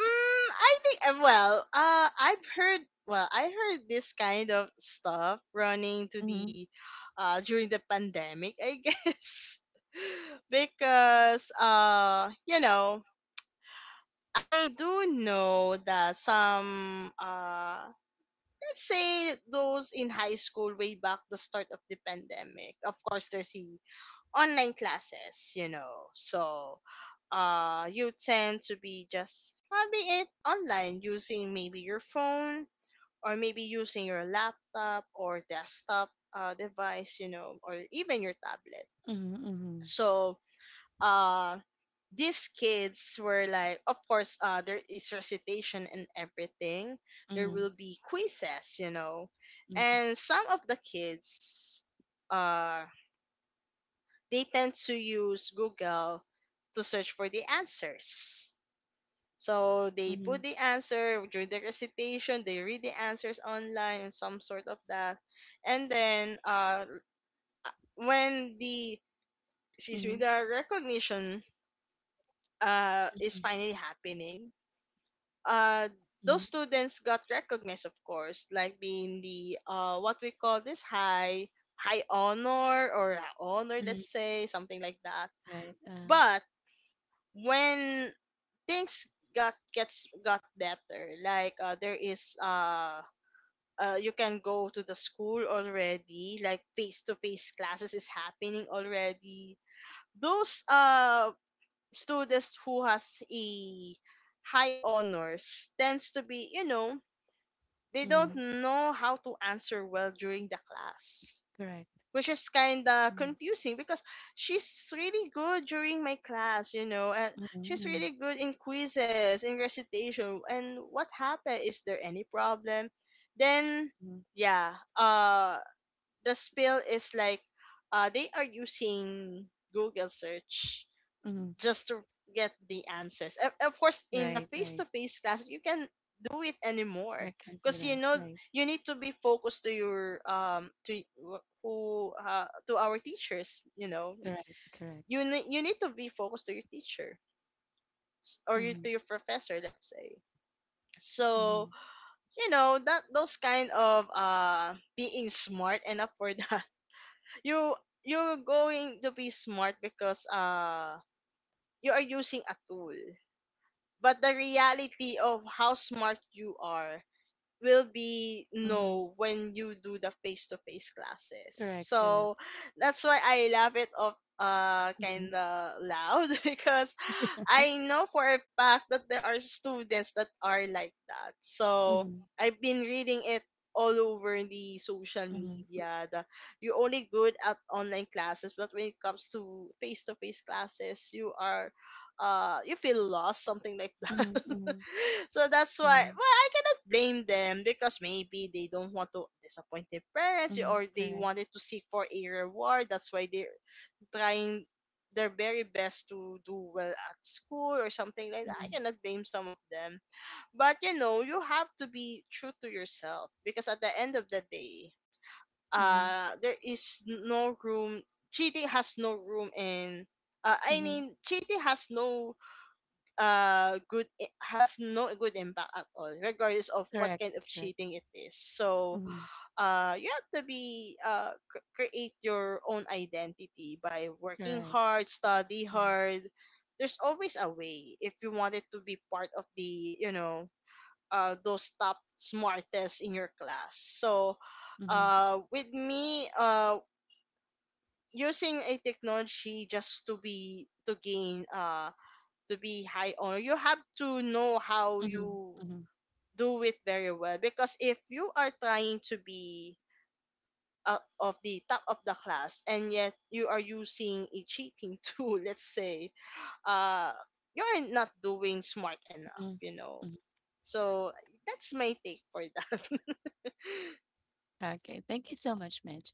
[SPEAKER 2] I think, well, I've heard well, I heard this kind of stuff running to
[SPEAKER 1] Mm-hmm.
[SPEAKER 2] the during the pandemic, I guess. Because I do know that some, let's say those in high school way back the start of the pandemic. Of course, there's the online classes. So, you tend to be just having it online, using maybe your phone, or maybe using your laptop or desktop device, or even your tablet.
[SPEAKER 1] Mm-hmm.
[SPEAKER 2] So, uh these kids were like, of course, there is recitation and everything. There
[SPEAKER 1] Mm-hmm.
[SPEAKER 2] will be quizzes,
[SPEAKER 1] Mm-hmm.
[SPEAKER 2] and some of the kids, uh they tend to use Google to search for the answers. So they
[SPEAKER 1] Mm-hmm.
[SPEAKER 2] put the answer during the recitation, they read the answers online, and some sort of that. And then when the, excuse me,
[SPEAKER 1] Mm-hmm.
[SPEAKER 2] the recognition is finally happening, uh, those
[SPEAKER 1] Mm-hmm.
[SPEAKER 2] students got recognized, of course, like being the, what we call this, high honor, or honor,
[SPEAKER 1] Mm-hmm.
[SPEAKER 2] let's say, something like that.
[SPEAKER 1] Right.
[SPEAKER 2] But when things got better, like, there is, you can go to the school already, like face to face classes is happening already. Those students who has a high honors tends to be, they
[SPEAKER 1] Mm-hmm.
[SPEAKER 2] don't know how to answer well during the class,
[SPEAKER 1] Correct.
[SPEAKER 2] which is kind of
[SPEAKER 1] Mm.
[SPEAKER 2] confusing, because she's really good during my class, and she's
[SPEAKER 1] Mm-hmm.
[SPEAKER 2] really good in quizzes, in recitation, and what happened? Is there any problem? Then,
[SPEAKER 1] Mm-hmm.
[SPEAKER 2] yeah, the spill is like, they are using Google search
[SPEAKER 1] Mm-hmm.
[SPEAKER 2] just to get the answers. Of course, in the
[SPEAKER 1] Right.
[SPEAKER 2] face to
[SPEAKER 1] Right.
[SPEAKER 2] face class, you can do it anymore,
[SPEAKER 1] I can't do
[SPEAKER 2] because
[SPEAKER 1] that. Right.
[SPEAKER 2] you need to be focused to your to wh- who to our teachers. You know
[SPEAKER 1] Correct. Correct.
[SPEAKER 2] you ne- you need to be focused to your teacher, or to
[SPEAKER 1] Mm-hmm.
[SPEAKER 2] your professor. Let's say. So
[SPEAKER 1] Mm-hmm.
[SPEAKER 2] you know that those kind of, being smart enough for that, you you're going to be smart because you are using a tool. But the reality of how smart you are will be
[SPEAKER 1] Mm-hmm.
[SPEAKER 2] no when you do the face to face classes.
[SPEAKER 1] Correct, correct.
[SPEAKER 2] So that's why I laugh it up,
[SPEAKER 1] Mm-hmm.
[SPEAKER 2] kinda loud, because I know for a fact that there are students that are like that. So
[SPEAKER 1] Mm-hmm.
[SPEAKER 2] I've been reading it all over the social
[SPEAKER 1] Mm-hmm.
[SPEAKER 2] media that you're only good at online classes, but when it comes to face classes, you feel lost, something like
[SPEAKER 1] Mm-hmm.
[SPEAKER 2] that.
[SPEAKER 1] Mm-hmm.
[SPEAKER 2] So that's why,
[SPEAKER 1] Mm-hmm.
[SPEAKER 2] well, I cannot blame them, because maybe they don't want to disappoint their parents,
[SPEAKER 1] Mm-hmm.
[SPEAKER 2] or they
[SPEAKER 1] Correct.
[SPEAKER 2] wanted to seek for a reward. That's why they're trying their very best to do well at school, or something like that. I
[SPEAKER 1] Mm-hmm.
[SPEAKER 2] cannot blame some of them. But you have to be true to yourself, because at the end of the day,
[SPEAKER 1] Mm-hmm.
[SPEAKER 2] there is no room, cheating has no room in, I
[SPEAKER 1] Mm-hmm.
[SPEAKER 2] mean, cheating has no good, it has no good impact at all, regardless of what
[SPEAKER 1] Correct,
[SPEAKER 2] kind of
[SPEAKER 1] correct.
[SPEAKER 2] cheating it is. So
[SPEAKER 1] Mm-hmm.
[SPEAKER 2] you have to be, create your own identity by working
[SPEAKER 1] Correct.
[SPEAKER 2] hard, study
[SPEAKER 1] Mm-hmm.
[SPEAKER 2] hard. There's always a way if you wanted to be part of the you know those top smartest in your class. So
[SPEAKER 1] Mm-hmm.
[SPEAKER 2] with me, using a technology just to gain, to be high honor, you have to know how
[SPEAKER 1] Mm-hmm.
[SPEAKER 2] you
[SPEAKER 1] Mm-hmm.
[SPEAKER 2] do it very well. Because if you are trying to be, of the top of the class, and yet you are using a cheating tool, let's say, uh, you're not doing smart enough,
[SPEAKER 1] Mm-hmm.
[SPEAKER 2] you know.
[SPEAKER 1] Mm-hmm.
[SPEAKER 2] So that's my take for that.
[SPEAKER 1] Okay, thank you so much, Mitch.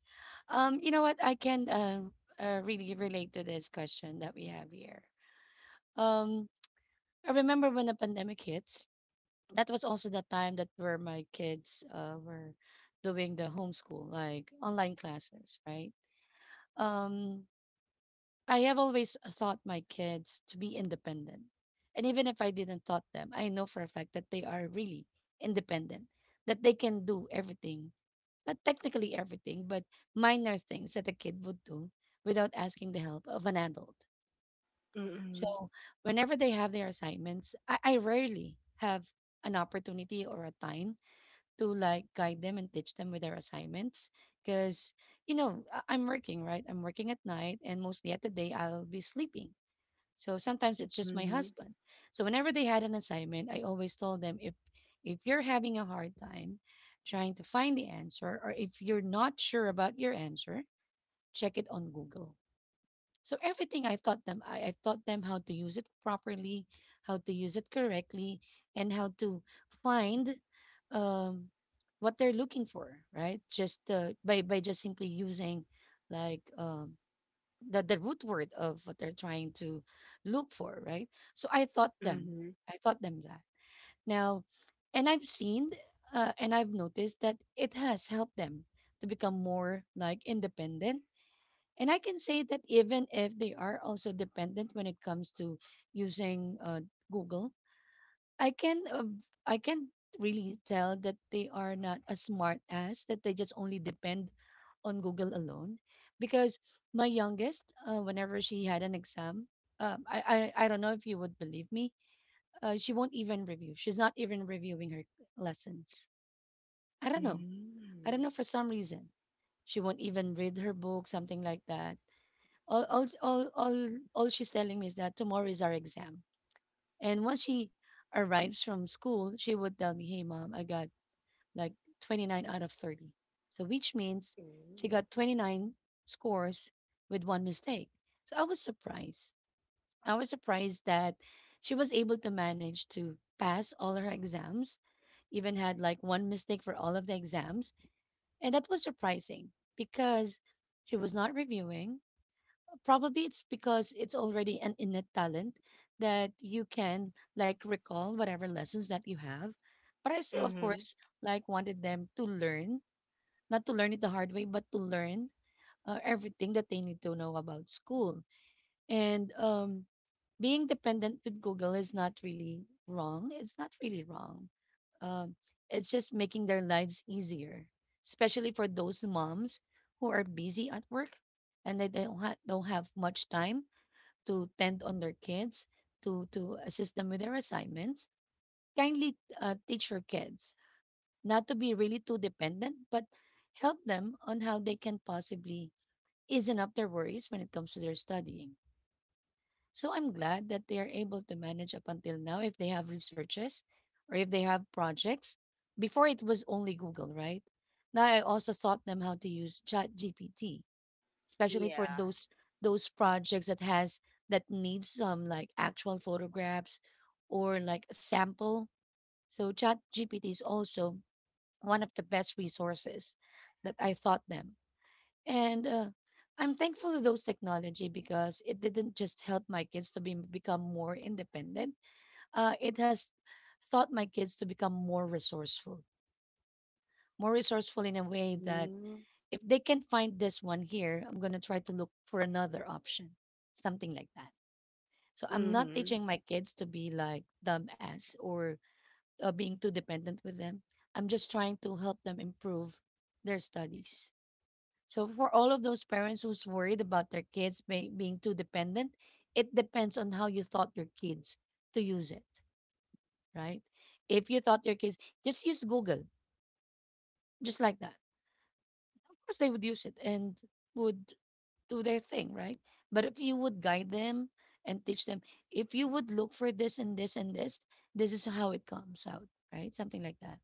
[SPEAKER 1] You know what? I can really relate to this question that we have here. Um, I remember when the pandemic hits. That was also the time that where my kids were doing the homeschool, like online classes, right? Um, I have always taught my kids to be independent. And even if I didn't taught them, I know for a fact that they are really independent, that they can do everything, not technically everything, but minor things that a kid would do without asking the help of an adult.
[SPEAKER 2] Mm-hmm.
[SPEAKER 1] So whenever they have their assignments, I rarely have an opportunity or a time to like guide them and teach them with their assignments because you know I'm working, right? I'm working at night and mostly at the day I'll be sleeping, so sometimes it's just my husband. So whenever they had an assignment, I always told them if you're having a hard time trying to find the answer or if you're not sure about your answer, check it on Google. So everything I taught them, I taught them how to use it properly, how to use it correctly, and how to find um, what they're looking for, right? Just by just simply using like the root word of what they're trying to look for, right? So I taught them.
[SPEAKER 2] Mm-hmm.
[SPEAKER 1] I taught them that. Now, and I've seen and I've noticed that it has helped them to become more like independent. And I can say that even if they are also dependent when it comes to using Google, I can uh, I can really tell that they are not as smart as that they just only depend on Google alone because my youngest whenever she had an exam, I don't know if you would believe me, she won't even review, she's not even reviewing her lessons. I don't know, I don't
[SPEAKER 2] Mm-hmm.
[SPEAKER 1] know for some reason she won't even read her book something like that. All all all all, all she's telling me is that tomorrow is our exam, and once she arrives from school, she would tell me, "Hey, mom, I got like 29 out of 30." So, which means she
[SPEAKER 2] Mm-hmm.
[SPEAKER 1] got 29 scores with one mistake. So, I was surprised. I was surprised that she was able to manage to pass all her exams, even had like one mistake for all of the exams. And that was surprising because she was not reviewing. Probably it's because it's already an innate talent that you can like recall whatever lessons that you have. But I still, of
[SPEAKER 2] Mm-hmm.
[SPEAKER 1] course, like wanted them to learn, not to learn it the hard way, but to learn everything that they need to know about school. And being dependent with Google is not really wrong. It's not really wrong. Um, it's just making their lives easier, especially for those moms who are busy at work and they don't have much time to tend on their kids, to assist them with their assignments. Kindly teach your kids not to be really too dependent, but help them on how they can possibly easen up their worries when it comes to their studying. So I'm glad that they are able to manage up until now if they have researches or if they have projects. Before it was only Google, right? Now I also taught them how to use Chat GPT especially for
[SPEAKER 2] Yeah.
[SPEAKER 1] those projects that has that needs some like actual photographs or like a sample. So Chat GPT is also one of the best resources that I thought them. And I'm thankful to those technology because it didn't just help my kids to be become more independent. It has taught my kids to become more resourceful in a way that
[SPEAKER 2] Mm-hmm.
[SPEAKER 1] if they can find this one here, I'm going to try to look for another option, something like that. So I'm not
[SPEAKER 2] Mm-hmm.
[SPEAKER 1] teaching my kids to be like dumbass or being too dependent with them. I'm just trying to help them improve their studies. So for all of those parents who's worried about their kids being too dependent, it depends on how you taught your kids to use it, right? If you taught your kids just use Google, just like that, of course they would use it and would do their thing, right? But if you would guide them and teach them, if you would look for this and this and this, this is how it comes out, right? Something like that.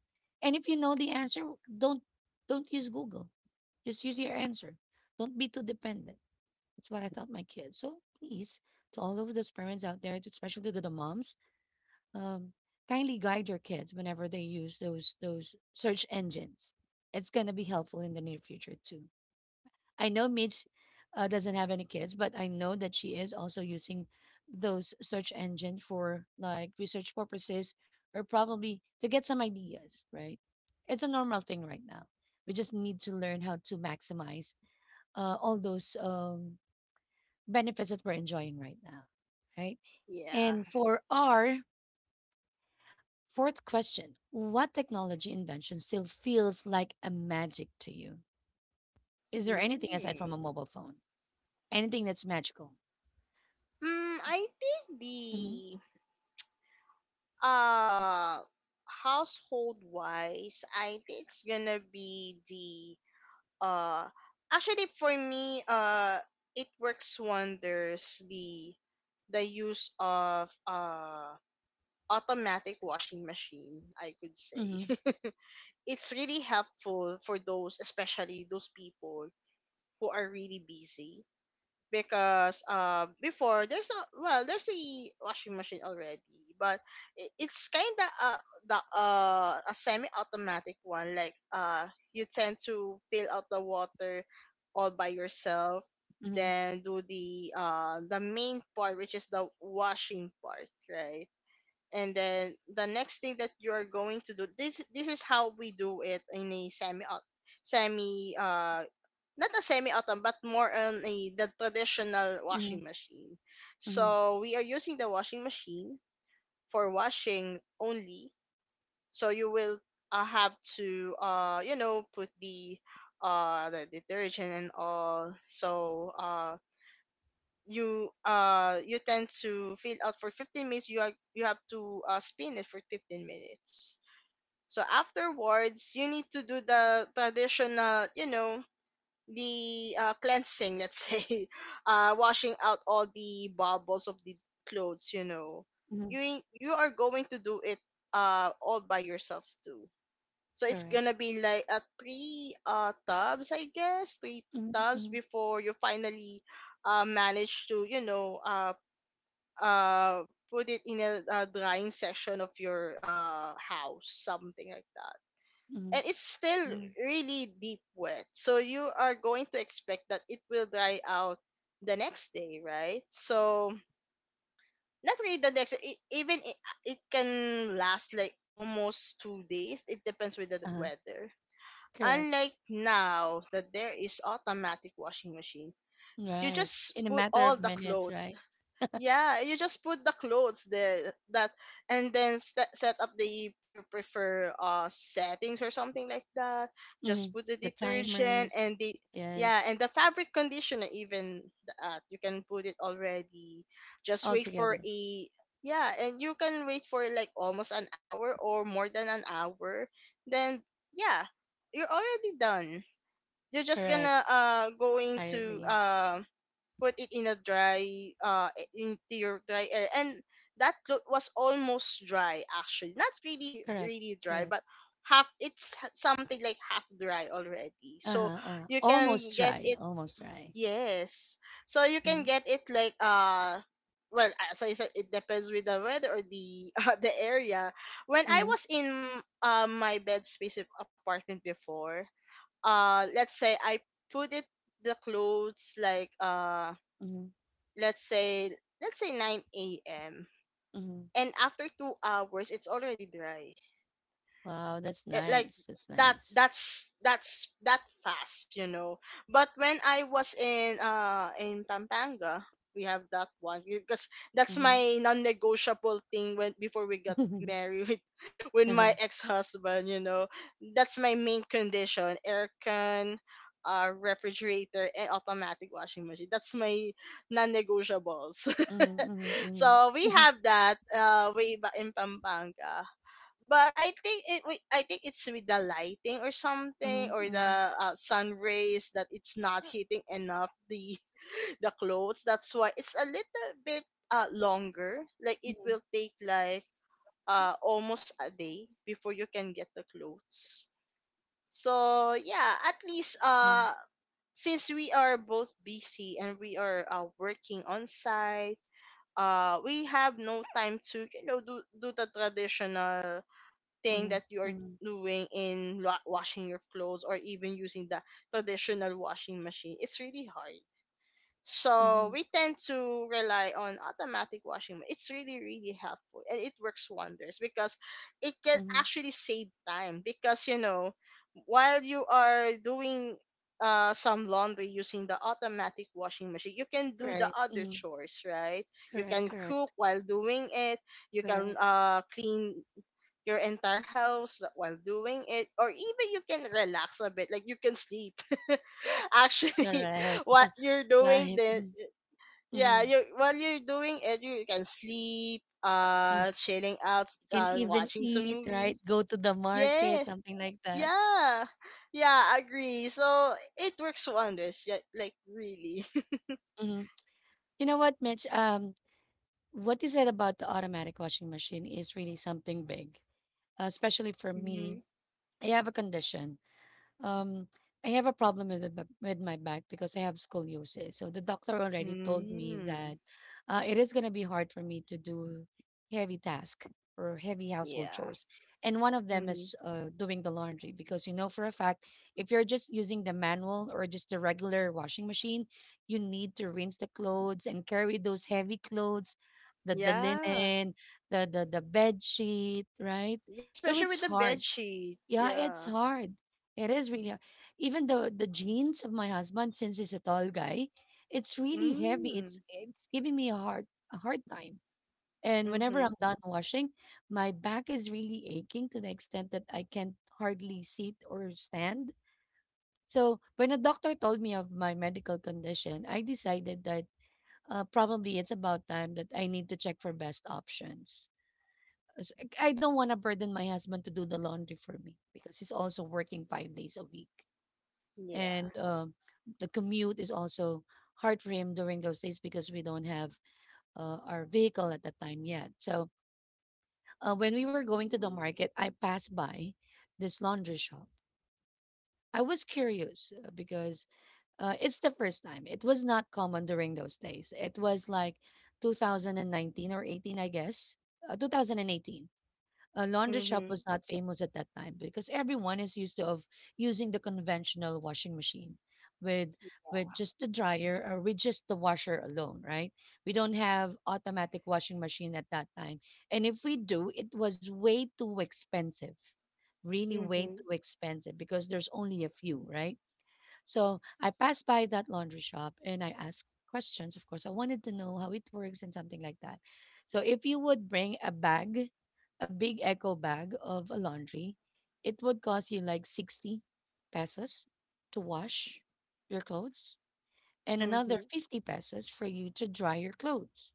[SPEAKER 1] And if you know the answer, don't don't use Google. Just use your answer. Don't be too dependent. That's what I taught my kids. So please, to all of those parents out there, especially to the moms, um, kindly guide your kids whenever they use those search engines. It's gonna be helpful in the near future too. I know Mitch doesn't have any kids, but I know that she is also using those search engines for like research purposes or probably to get some ideas, right? It's a normal thing right now. We just need to learn how to maximize all those benefits that we're enjoying right now, right?
[SPEAKER 2] Yeah.
[SPEAKER 1] And for our fourth question, what technology invention still feels like a magic to you? Is there anything aside from
[SPEAKER 2] Mm.
[SPEAKER 1] a mobile phone? Anything that's magical?
[SPEAKER 2] I think the uh household wise, I think it's gonna be the uh actually, for me, it works wonders, the use of automatic washing machine, I could say.
[SPEAKER 1] Mhm,
[SPEAKER 2] It's really helpful for those, especially those people who are really busy, because, before there's a, well, there's a washing machine already, but it's kind of, the a semi-automatic one, like, you tend to fill out the water all by yourself.
[SPEAKER 1] mhm,
[SPEAKER 2] Then do the main part, which is the washing part, right? And then the next thing that you are going to do, this is how we do it in a semi, semi, not a semi autumn, but more on a the traditional
[SPEAKER 1] mhm,
[SPEAKER 2] washing machine.
[SPEAKER 1] mhm,
[SPEAKER 2] So we are using the washing machine for washing only. So you will, have to, put the detergent and all. So you tend to fill out for 15 minutes. You are you have to, spin it for 15 minutes. So afterwards, you need to do the traditional you know the cleansing, let's say. Washing out all the bubbles of the clothes.
[SPEAKER 1] mhm,
[SPEAKER 2] you you are going to do it all by yourself too. So it's
[SPEAKER 1] correct.
[SPEAKER 2] gonna be like a three, tubs, I guess, three
[SPEAKER 1] Mhm,
[SPEAKER 2] tubs
[SPEAKER 1] mhm,
[SPEAKER 2] before you finally, manage to, uh put it in a drying section of your house, something like that.
[SPEAKER 1] mhm,
[SPEAKER 2] And it's still
[SPEAKER 1] mhm,
[SPEAKER 2] really deep wet, so you are going to expect that it will dry out the next day, right? So not really the next even it can last like almost 2 days. It depends with the
[SPEAKER 1] uh-huh,
[SPEAKER 2] weather.
[SPEAKER 1] correct.
[SPEAKER 2] Unlike now that there is automatic washing machine, you
[SPEAKER 1] Right.
[SPEAKER 2] just
[SPEAKER 1] In a
[SPEAKER 2] put
[SPEAKER 1] matter
[SPEAKER 2] all
[SPEAKER 1] of
[SPEAKER 2] the
[SPEAKER 1] minutes,
[SPEAKER 2] clothes.
[SPEAKER 1] right?
[SPEAKER 2] Yeah, you just put the clothes there that and then set up the your prefer settings or something like that. Just
[SPEAKER 1] Mhm.
[SPEAKER 2] put the
[SPEAKER 1] The timer,
[SPEAKER 2] detergent and the, yeah, and
[SPEAKER 1] yes,
[SPEAKER 2] the fabric conditioner even, that you can put it already. Just
[SPEAKER 1] all
[SPEAKER 2] wait for
[SPEAKER 1] together.
[SPEAKER 2] a, yeah, and you can wait for like almost an hour or more than an hour. Then, yeah, you're already done. You're just
[SPEAKER 1] Correct.
[SPEAKER 2] gonna going
[SPEAKER 1] I
[SPEAKER 2] to
[SPEAKER 1] agree.
[SPEAKER 2] put it in a dry, uh into your dry air, and that cloth was almost dry, actually not really
[SPEAKER 1] Correct.
[SPEAKER 2] really dry,
[SPEAKER 1] Correct.
[SPEAKER 2] but half, something like half dry already, so
[SPEAKER 1] Uh-huh, uh-huh.
[SPEAKER 2] you can
[SPEAKER 1] Almost
[SPEAKER 2] get
[SPEAKER 1] dry.
[SPEAKER 2] it,
[SPEAKER 1] Almost dry.
[SPEAKER 2] yes, so you can
[SPEAKER 1] Mhm,
[SPEAKER 2] get it like, well, as I said, it depends with the weather or the the area. When I
[SPEAKER 1] mhm,
[SPEAKER 2] was in, my bed space apartment before, let's say I put it, the clothes, like,
[SPEAKER 1] mhm,
[SPEAKER 2] let's say let's say 9 a.m.,
[SPEAKER 1] mhm.
[SPEAKER 2] and after 2 hours it's already dry.
[SPEAKER 1] Wow, that's
[SPEAKER 2] It, like,
[SPEAKER 1] nice. That's
[SPEAKER 2] that
[SPEAKER 1] nice.
[SPEAKER 2] that's that's that fast, you know. But when I was in in Pampanga, we have that one because that's
[SPEAKER 1] Mhm.
[SPEAKER 2] my non-negotiable thing when before we got married with, with
[SPEAKER 1] Uh-huh.
[SPEAKER 2] my ex-husband. That's my main condition: aircon, refrigerator, and automatic washing machine. That's my non-negotiables.
[SPEAKER 1] Mhm, mhm,
[SPEAKER 2] So we
[SPEAKER 1] mhm,
[SPEAKER 2] have that way back in Pampanga. But I think it's with the lighting or something,
[SPEAKER 1] mhm,
[SPEAKER 2] or
[SPEAKER 1] mhm,
[SPEAKER 2] the sun rays that it's not hitting enough the the clothes. That's why it's a little bit longer. Like
[SPEAKER 1] mhm,
[SPEAKER 2] it will take like almost a day before you can get the clothes. So yeah, at least, since we are both busy and we are, working on site, we have no time to, do the traditional thing
[SPEAKER 1] mhm,
[SPEAKER 2] that you
[SPEAKER 1] mhm,
[SPEAKER 2] are
[SPEAKER 1] mhm,
[SPEAKER 2] doing in washing your clothes, or even using the traditional washing machine. It's really hard, so
[SPEAKER 1] mhm.
[SPEAKER 2] we tend to rely on automatic washing. It's really, really helpful, and it works wonders because it can
[SPEAKER 1] Mhm.
[SPEAKER 2] actually save time because, while you are doing some laundry using the automatic washing machine, you can do the
[SPEAKER 1] Right.
[SPEAKER 2] other
[SPEAKER 1] Mhm.
[SPEAKER 2] chores, right? You
[SPEAKER 1] Correct,
[SPEAKER 2] can
[SPEAKER 1] correct,
[SPEAKER 2] cook while doing it, you can
[SPEAKER 1] correct,
[SPEAKER 2] clean your entire house while doing it, or even you can relax a bit, like you can sleep. Actually,
[SPEAKER 1] correct.
[SPEAKER 2] what you're doing
[SPEAKER 1] Right.
[SPEAKER 2] then,
[SPEAKER 1] Mhm.
[SPEAKER 2] yeah,
[SPEAKER 1] Mhm.
[SPEAKER 2] you while you're doing it, you can sleep,
[SPEAKER 1] Mhm.
[SPEAKER 2] chilling out,
[SPEAKER 1] You can even
[SPEAKER 2] watching some
[SPEAKER 1] eat, right?
[SPEAKER 2] movies.
[SPEAKER 1] Go to the market,
[SPEAKER 2] Yes,
[SPEAKER 1] something like that.
[SPEAKER 2] yeah, yeah, agree. So it works wonders. Yeah, like really.
[SPEAKER 1] Mhm. You know what, Mitch? What you said about the automatic washing machine is really something big, especially for me.
[SPEAKER 2] Mhm.
[SPEAKER 1] I have a condition. um I have a problem with my, with my back because I have scoliosis. So the doctor already told me that
[SPEAKER 2] Mm.
[SPEAKER 1] it is going to be hard for me to do heavy task or heavy household
[SPEAKER 2] Yeah.
[SPEAKER 1] chores. And one of them
[SPEAKER 2] Hmm.
[SPEAKER 1] is doing the laundry because you know for a fact if you're just using the manual or just the regular washing machine, you need to rinse the clothes and carry those heavy clothes, the
[SPEAKER 2] Yeah.
[SPEAKER 1] linen, the bed sheet, right?
[SPEAKER 2] Yeah,
[SPEAKER 1] So
[SPEAKER 2] especially
[SPEAKER 1] it's
[SPEAKER 2] with the bed
[SPEAKER 1] hard,
[SPEAKER 2] sheet.
[SPEAKER 1] yeah, it's
[SPEAKER 2] Yeah.
[SPEAKER 1] hard. It is really hard. Even the jeans of my husband, since he's a tall guy, it's really heavy. It's
[SPEAKER 2] Mm.
[SPEAKER 1] it's giving me a hard time. And whenever
[SPEAKER 2] Mm-hmm.
[SPEAKER 1] I'm done washing, my back is really aching to the extent that I can't hardly sit or stand. So when a doctor told me of my medical condition, I decided that probably it's about time that I need to check for best options s- I don't want to burden my husband to do the laundry for me because he's also working 5 days a week.
[SPEAKER 2] Yeah.
[SPEAKER 1] And the commute is also hard for him during those days because we don't have our vehicle at that time yet. So when we were going to the market, I passed by this laundry shop. I was curious because it's the first time. It was not common during those days. It was like 2019 or 18, I guess. 2018 a laundry shop
[SPEAKER 2] Mm-hmm.
[SPEAKER 1] was not famous at that time because everyone is used to of using the conventional washing machine with with just the dryer or with just the washer alone, right? We don't have automatic washing machine at that time, and if we do it was way too expensive, really way
[SPEAKER 2] Mm-hmm.
[SPEAKER 1] too expensive because there's only a few, right? So I passed by that laundry shop and I asked questions. Of course, I wanted to know how it works and something like that. So if you would bring a bag, a big echo bag of a laundry, it would cost you like 60 pesos to wash your clothes and another
[SPEAKER 2] Mm-hmm.
[SPEAKER 1] 50 pesos for you to dry your clothes.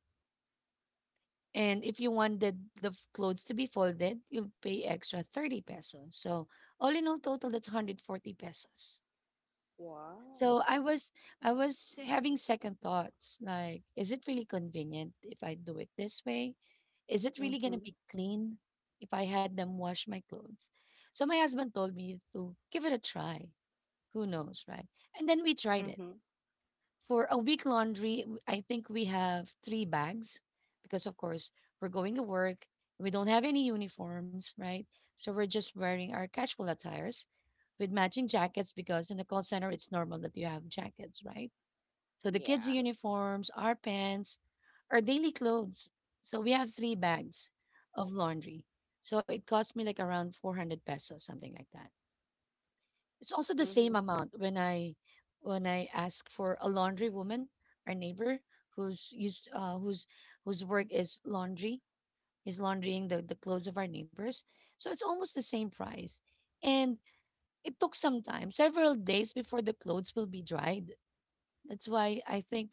[SPEAKER 1] And if you wanted the clothes to be folded, you'll pay extra 30 pesos. So all in all total, that's 140 pesos. So
[SPEAKER 2] Wow.
[SPEAKER 1] I was having second thoughts like, is it really convenient if I do it this way? Is it really going to
[SPEAKER 2] Mm-hmm.
[SPEAKER 1] be clean if I had them wash my clothes? So my husband told me to give it a try. Who knows, right? And then we tried it.
[SPEAKER 2] Mm-hmm.
[SPEAKER 1] For a week laundry, I think we have 3 bags because of course we're going to work. We don't have any uniforms, right? So we're just wearing our casual attires with matching jackets because in a call center it's normal that you have jackets, right? So the kids'
[SPEAKER 2] Yeah.
[SPEAKER 1] uniforms, our pants, our daily clothes. So we have three bags of laundry. So it cost me like around 400 pesos, something like that. It's also the same
[SPEAKER 2] Mm-hmm.
[SPEAKER 1] amount when I ask for a laundry woman, our neighbor who's used whose whose work is laundry, is laundrying the clothes of our neighbors. So it's almost the same price. And it took some time, several days before the clothes will be dried. That's why I think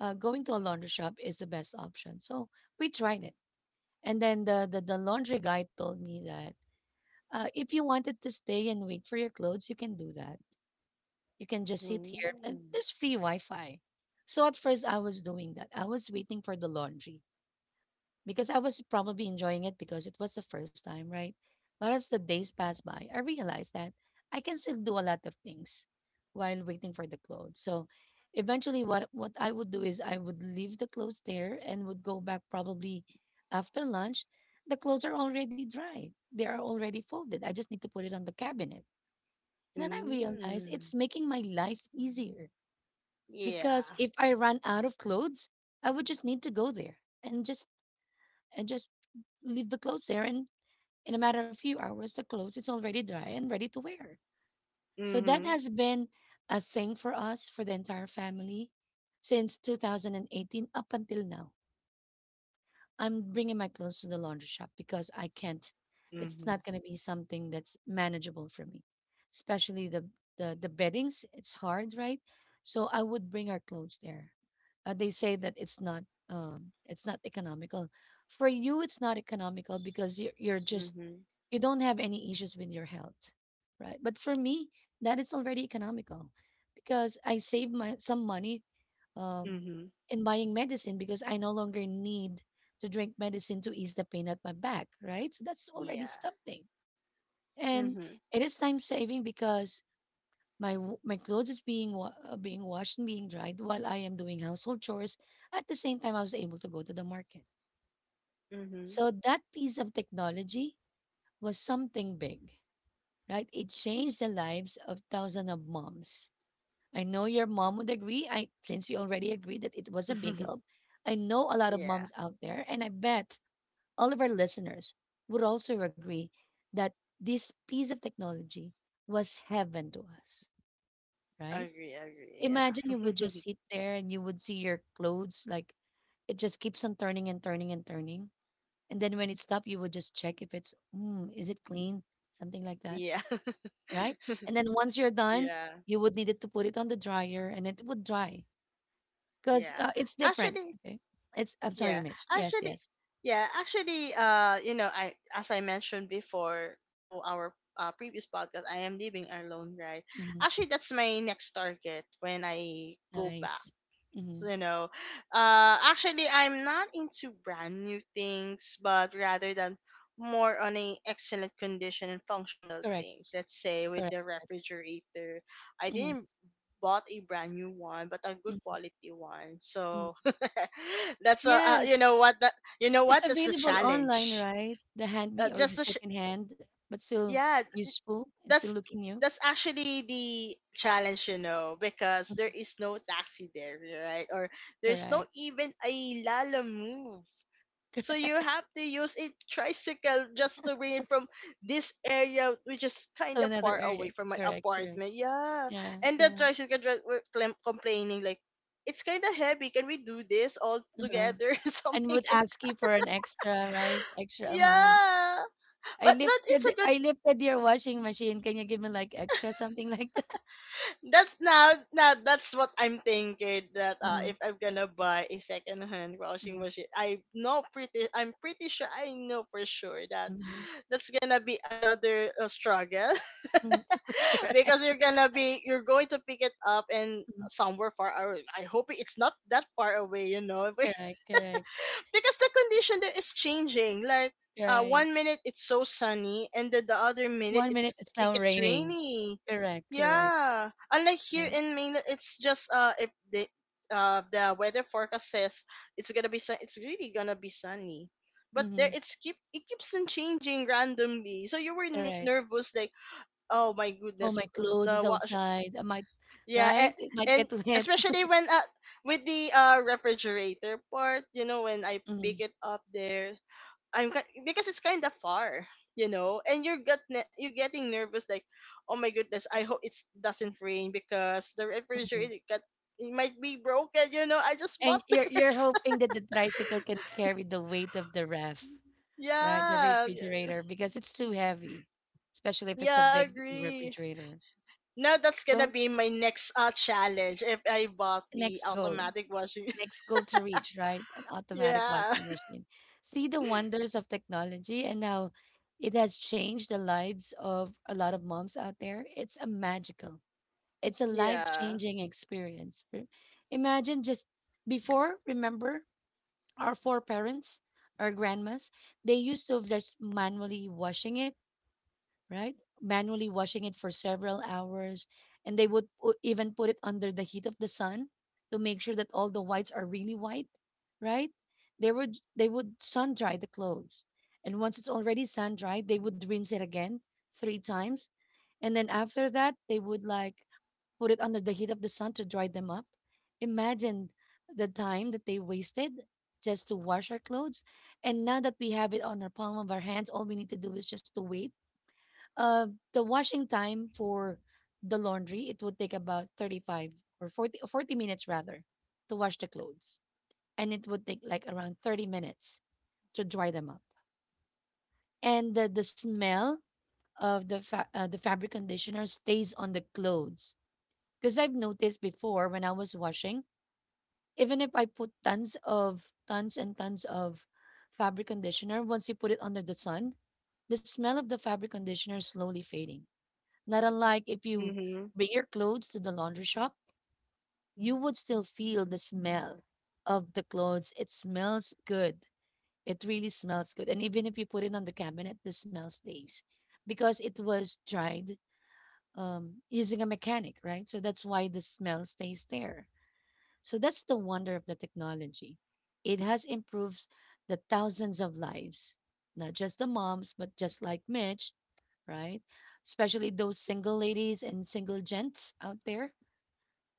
[SPEAKER 1] going to a laundry shop is the best option. So we tried it. And then the laundry guy told me that if you wanted to stay and wait for your clothes, you can do that. You can just sit here. And
[SPEAKER 2] Mm.
[SPEAKER 1] there's free Wi Fi. So at first, I was doing that. I was waiting for the laundry because I was probably enjoying it because it was the first time, right? But as the days pass by, I realized that I can still do a lot of things while waiting for the clothes. So eventually what I would do is I would leave the clothes there and would go back probably after lunch. The clothes are already dry. They are already folded. I just need to put it on the cabinet. And then I realized
[SPEAKER 2] Mm.
[SPEAKER 1] it's making my life easier because
[SPEAKER 2] Yeah.
[SPEAKER 1] if I run out of clothes, I would just need to go there and just and just leave the clothes there. And in a matter of few hours, the clothes is already dry and ready to wear. So that
[SPEAKER 2] Mhm.
[SPEAKER 1] has been a thing for us, for the entire family, since 2018 up until now. I'm bringing my clothes to the laundry shop because I can't, it's not
[SPEAKER 2] Mhm.
[SPEAKER 1] going to be something that's manageable for me. Especially the the beddings, it's hard, right? So I would bring our clothes there. They say that it's not economical. For you it's not economical because you are you're just
[SPEAKER 2] Mhm.
[SPEAKER 1] you don't have any issues with your health, right? But for me, that is already economical because I save my some money um
[SPEAKER 2] Mhm.
[SPEAKER 1] in buying medicine because I no longer need to drink medicine to ease the pain at my back, right? So that's already
[SPEAKER 2] Yeah.
[SPEAKER 1] something. And
[SPEAKER 2] Mhm.
[SPEAKER 1] it is time saving because my my clothes is being being washed and being dried while I am doing household chores. At the same time, I was able to go to the market.
[SPEAKER 2] Mhm.
[SPEAKER 1] So that piece of technology was something big, right? It changed the lives of thousands of moms. I know your mom would agree. I since you already agreed that it was a big help. I know a lot of
[SPEAKER 2] Yeah.
[SPEAKER 1] moms out there, and I bet all of our listeners would also agree that this piece of technology was heaven to us, right?
[SPEAKER 2] Agree. Agree.
[SPEAKER 1] Imagine you
[SPEAKER 2] Yeah.
[SPEAKER 1] would just sit there and you would see your clothes like it just keeps on turning and turning and turning. And then when it stopped, you would just check if it's, is it clean? Something like that,
[SPEAKER 2] Yeah.
[SPEAKER 1] right? And then once you're done,
[SPEAKER 2] Yeah.
[SPEAKER 1] you would need it to put it on the dryer and it would dry because
[SPEAKER 2] Yeah.
[SPEAKER 1] it's different.
[SPEAKER 2] Actually,
[SPEAKER 1] Okay. It's, I'm sorry,
[SPEAKER 2] yeah.
[SPEAKER 1] Mitch. Yes,
[SPEAKER 2] Actually,
[SPEAKER 1] yes.
[SPEAKER 2] yeah. Actually, I mentioned before to our previous podcast. I am living alone, right?
[SPEAKER 1] Hmm.
[SPEAKER 2] Actually, that's my next target when I go back.
[SPEAKER 1] Nice. Hmm.
[SPEAKER 2] So, actually, I'm not into brand new things, but rather than more on a excellent condition and functional
[SPEAKER 1] Correct,
[SPEAKER 2] things. Let's say with
[SPEAKER 1] correct.
[SPEAKER 2] the refrigerator, I
[SPEAKER 1] Mhm,
[SPEAKER 2] didn't bought a brand new one, but a good
[SPEAKER 1] mhm,
[SPEAKER 2] quality one.
[SPEAKER 1] mhm.
[SPEAKER 2] So, that's a
[SPEAKER 1] Yes,
[SPEAKER 2] you know what, that you know what,
[SPEAKER 1] it's
[SPEAKER 2] that's the
[SPEAKER 1] available online,
[SPEAKER 2] challenge.
[SPEAKER 1] right? The handmade or
[SPEAKER 2] Just
[SPEAKER 1] the
[SPEAKER 2] the
[SPEAKER 1] second hand, but still
[SPEAKER 2] yeah,
[SPEAKER 1] useful and still
[SPEAKER 2] that's
[SPEAKER 1] looking new.
[SPEAKER 2] that's actually the challenge, because
[SPEAKER 1] Mhm,
[SPEAKER 2] there is no taxi there, right? Or there's no
[SPEAKER 1] correct.
[SPEAKER 2] even a Lala move. So you have to use a tricycle just to bring it from this area, which is
[SPEAKER 1] So
[SPEAKER 2] kind of
[SPEAKER 1] another
[SPEAKER 2] far
[SPEAKER 1] area.
[SPEAKER 2] away from my
[SPEAKER 1] Correct, correct.
[SPEAKER 2] apartment. Yeah,
[SPEAKER 1] Yeah,
[SPEAKER 2] and the
[SPEAKER 1] yeah.
[SPEAKER 2] tricycle driver were complaining like, "It's kind of heavy. Can we do this all
[SPEAKER 1] Uh-huh.
[SPEAKER 2] together?"
[SPEAKER 1] And would
[SPEAKER 2] Something like
[SPEAKER 1] ask you
[SPEAKER 2] that.
[SPEAKER 1] for an extra, right? Extra amount.
[SPEAKER 2] Yeah. But it's a good.
[SPEAKER 1] I lifted your washing machine. Can you give me like extra something like that?
[SPEAKER 2] That's now now that's what I'm thinking, that if I'm gonna buy a second hand washing
[SPEAKER 1] Mm-hmm,
[SPEAKER 2] machine, I'm pretty sure I know for sure that
[SPEAKER 1] mm-hmm,
[SPEAKER 2] that's gonna be another struggle,
[SPEAKER 1] mm-hmm. Correct,
[SPEAKER 2] because you're gonna be you're going to pick it up and
[SPEAKER 1] mhm.
[SPEAKER 2] somewhere far away. I hope it's not that far away.
[SPEAKER 1] Correct, correct.
[SPEAKER 2] Because the condition that is changing, like,
[SPEAKER 1] Right.
[SPEAKER 2] one minute it's so sunny and then the other minute
[SPEAKER 1] One minute it's
[SPEAKER 2] it
[SPEAKER 1] now
[SPEAKER 2] gets
[SPEAKER 1] raining.
[SPEAKER 2] rainy.
[SPEAKER 1] Correct, correct.
[SPEAKER 2] Yeah, unlike here
[SPEAKER 1] Correct.
[SPEAKER 2] in mainland, it's just, if the the weather forecast says it's really gonna be sunny, but there
[SPEAKER 1] Mhm,
[SPEAKER 2] it keeps on changing randomly, so you were
[SPEAKER 1] correct.
[SPEAKER 2] nervous like, "Oh my
[SPEAKER 1] "Oh,
[SPEAKER 2] goodness,
[SPEAKER 1] my clothes is
[SPEAKER 2] the
[SPEAKER 1] outside. I might",
[SPEAKER 2] yeah, and,
[SPEAKER 1] right? "It might
[SPEAKER 2] and
[SPEAKER 1] get wet."
[SPEAKER 2] especially when, with the refrigerator part, you know, when I pick
[SPEAKER 1] Mhm,
[SPEAKER 2] it up there, because it's kind of far, you know, and you're getting nervous like, "Oh my goodness, I hope it doesn't rain because the
[SPEAKER 1] mhm.
[SPEAKER 2] refrigerator got, it might be broken. I just bought
[SPEAKER 1] And you're
[SPEAKER 2] this.
[SPEAKER 1] hoping that the tricycle can carry the weight of the ref, right? The
[SPEAKER 2] Yeah, yeah,
[SPEAKER 1] refrigerator, because it's too heavy, especially if it's a
[SPEAKER 2] yeah,
[SPEAKER 1] big
[SPEAKER 2] agree.
[SPEAKER 1] refrigerator.
[SPEAKER 2] Now that's gonna
[SPEAKER 1] So,
[SPEAKER 2] be my next challenge if I bought the
[SPEAKER 1] next goal,
[SPEAKER 2] automatic washing.
[SPEAKER 1] next goal to reach, right? An automatic
[SPEAKER 2] Yeah,
[SPEAKER 1] washing machine. See the wonders of technology and how it has changed the lives of a lot of moms out there. It's a magical. It's a
[SPEAKER 2] yeah.
[SPEAKER 1] life-changing experience. Imagine just before, remember our foreparents, our grandmas, they used to just manually washing it, right? Manually washing it for several hours, and they would even put it under the heat of the sun to make sure that all the whites are really white, right? They would sun dry the clothes. And once it's already sun dried, they would rinse it again three times. And then after that, they would like put it under the heat of the sun to dry them up. Imagine the time that they wasted just to wash our clothes. And now that we have it on our palm of our hands, all we need to do is just to wait. Uh, the washing time for the laundry, it would take about 35 or 40, or 40 minutes rather to wash the clothes. And it would take like around 30 minutes to dry them up. And the smell of the, the fabric conditioner stays on the clothes. Because I've noticed before when I was washing, even if I put tons of tons and tons of fabric conditioner, once you put it under the sun, the smell of the fabric conditioner is slowly fading. Not unlike if you
[SPEAKER 2] Mm-hmm.
[SPEAKER 1] bring your clothes to the laundry shop, you would still feel the smell of the clothes. It smells good. It really smells good. And even if you put it on the cabinet, the smell stays because it was dried using a mechanic, right? So that's why the smell stays there. So that's the wonder of the technology. It has improved the thousands of lives, not just the moms, but just like Mitch, right? Especially those single ladies and single gents out there.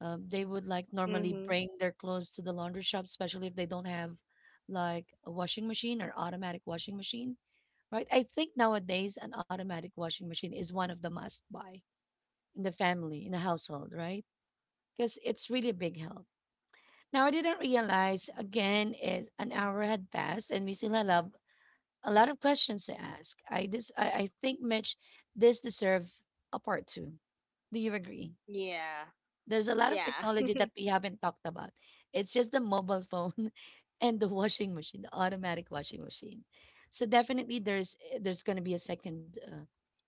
[SPEAKER 1] They would like normally
[SPEAKER 2] Mhm.
[SPEAKER 1] bring their clothes to the laundry shop, especially if they don't have like a washing machine or automatic washing machine, right? I think nowadays an automatic washing machine is one of the must buy in the family, in the household, right? Because it's really a big help. Now I didn't realize again is an hour had passed and we still had a lot of questions to ask. I this I think Mitch this deserve a part two. Do you agree?
[SPEAKER 2] Yeah.
[SPEAKER 1] There's a lot of
[SPEAKER 2] Yeah.
[SPEAKER 1] technology that we haven't talked about. It's just the mobile phone and the washing machine, the automatic washing machine. So definitely there's there's going to be a second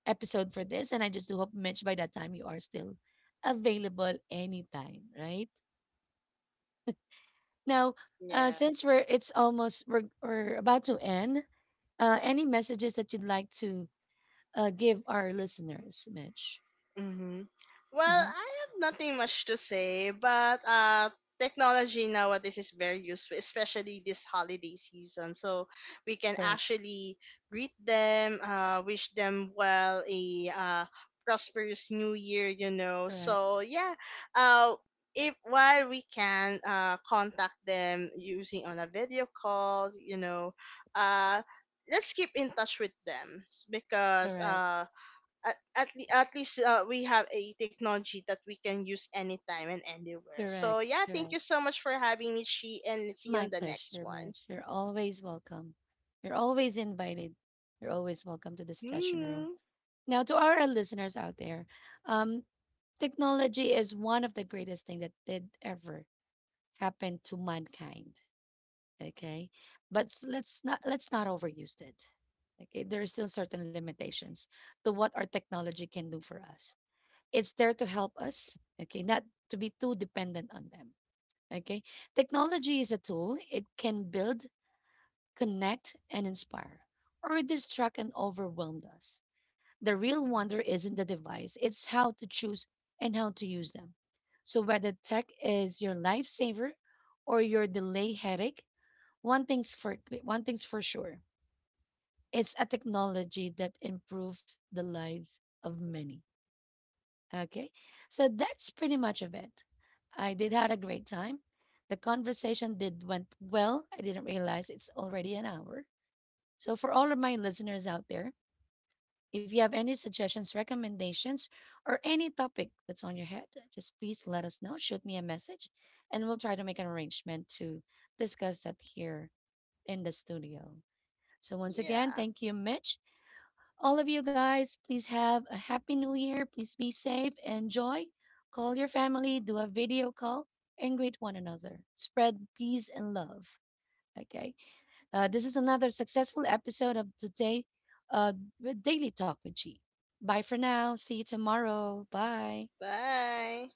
[SPEAKER 1] episode for this and I just do hope Mitch by that time you are still available anytime, right? Now,
[SPEAKER 2] Yeah.
[SPEAKER 1] since we're it's almost we're about to end, any messages that you'd like to give our listeners, Mitch?
[SPEAKER 2] Hmm. Well,
[SPEAKER 1] Hmm.
[SPEAKER 2] I have nothing much to say, but technology nowadays is very useful, especially this holiday season. So we can
[SPEAKER 1] Correct,
[SPEAKER 2] actually greet them, wish them well a uh, prosperous new year.
[SPEAKER 1] correct,
[SPEAKER 2] So yeah, uh, if while we can, contact them using on a video calls, uh, let's keep in touch with them, because
[SPEAKER 1] correct,
[SPEAKER 2] at least, we have a technology that we can use anytime and anywhere.
[SPEAKER 1] correct,
[SPEAKER 2] So yeah, thank
[SPEAKER 1] correct.
[SPEAKER 2] you so much for having me, Chi, and see you
[SPEAKER 1] My
[SPEAKER 2] on the next
[SPEAKER 1] pleasure,
[SPEAKER 2] one.
[SPEAKER 1] Mitch. You're always welcome. You're always invited. You're always welcome to the session room.
[SPEAKER 2] Hmm.
[SPEAKER 1] Now, to our listeners out there, um, technology is one of the greatest things that did ever happen to mankind. Okay. But let's not overuse it. Okay. There are still certain limitations to what our technology can do for us. It's there to help us, okay, not to be too dependent on them. Okay. Technology is a tool. It can build, connect, and inspire, or distract and overwhelm us. The real wonder isn't the device, it's how to choose and how to use them. So whether tech is your lifesaver or your delay headache, one thing's one thing's for sure. It's a technology that improves the lives of many. Okay? So that's pretty much of it. I did had a great time. The conversation did went well. I didn't realize it's already an hour. So for all of my listeners out there, if you have any suggestions, recommendations, or any topic that's on your head, just please let us know. Shoot me a message, and we'll try to make an arrangement to discuss that here in the studio. So, once again,
[SPEAKER 2] Yeah.
[SPEAKER 1] thank you, Mitch. All of you guys, please have a happy new year. Please be safe, enjoy, call your family, do a video call, and greet one another. Spread peace and love. Okay. This is another successful episode of today, uh, with Daily Talk with G. Bye for now. See you tomorrow. Bye.
[SPEAKER 2] Bye.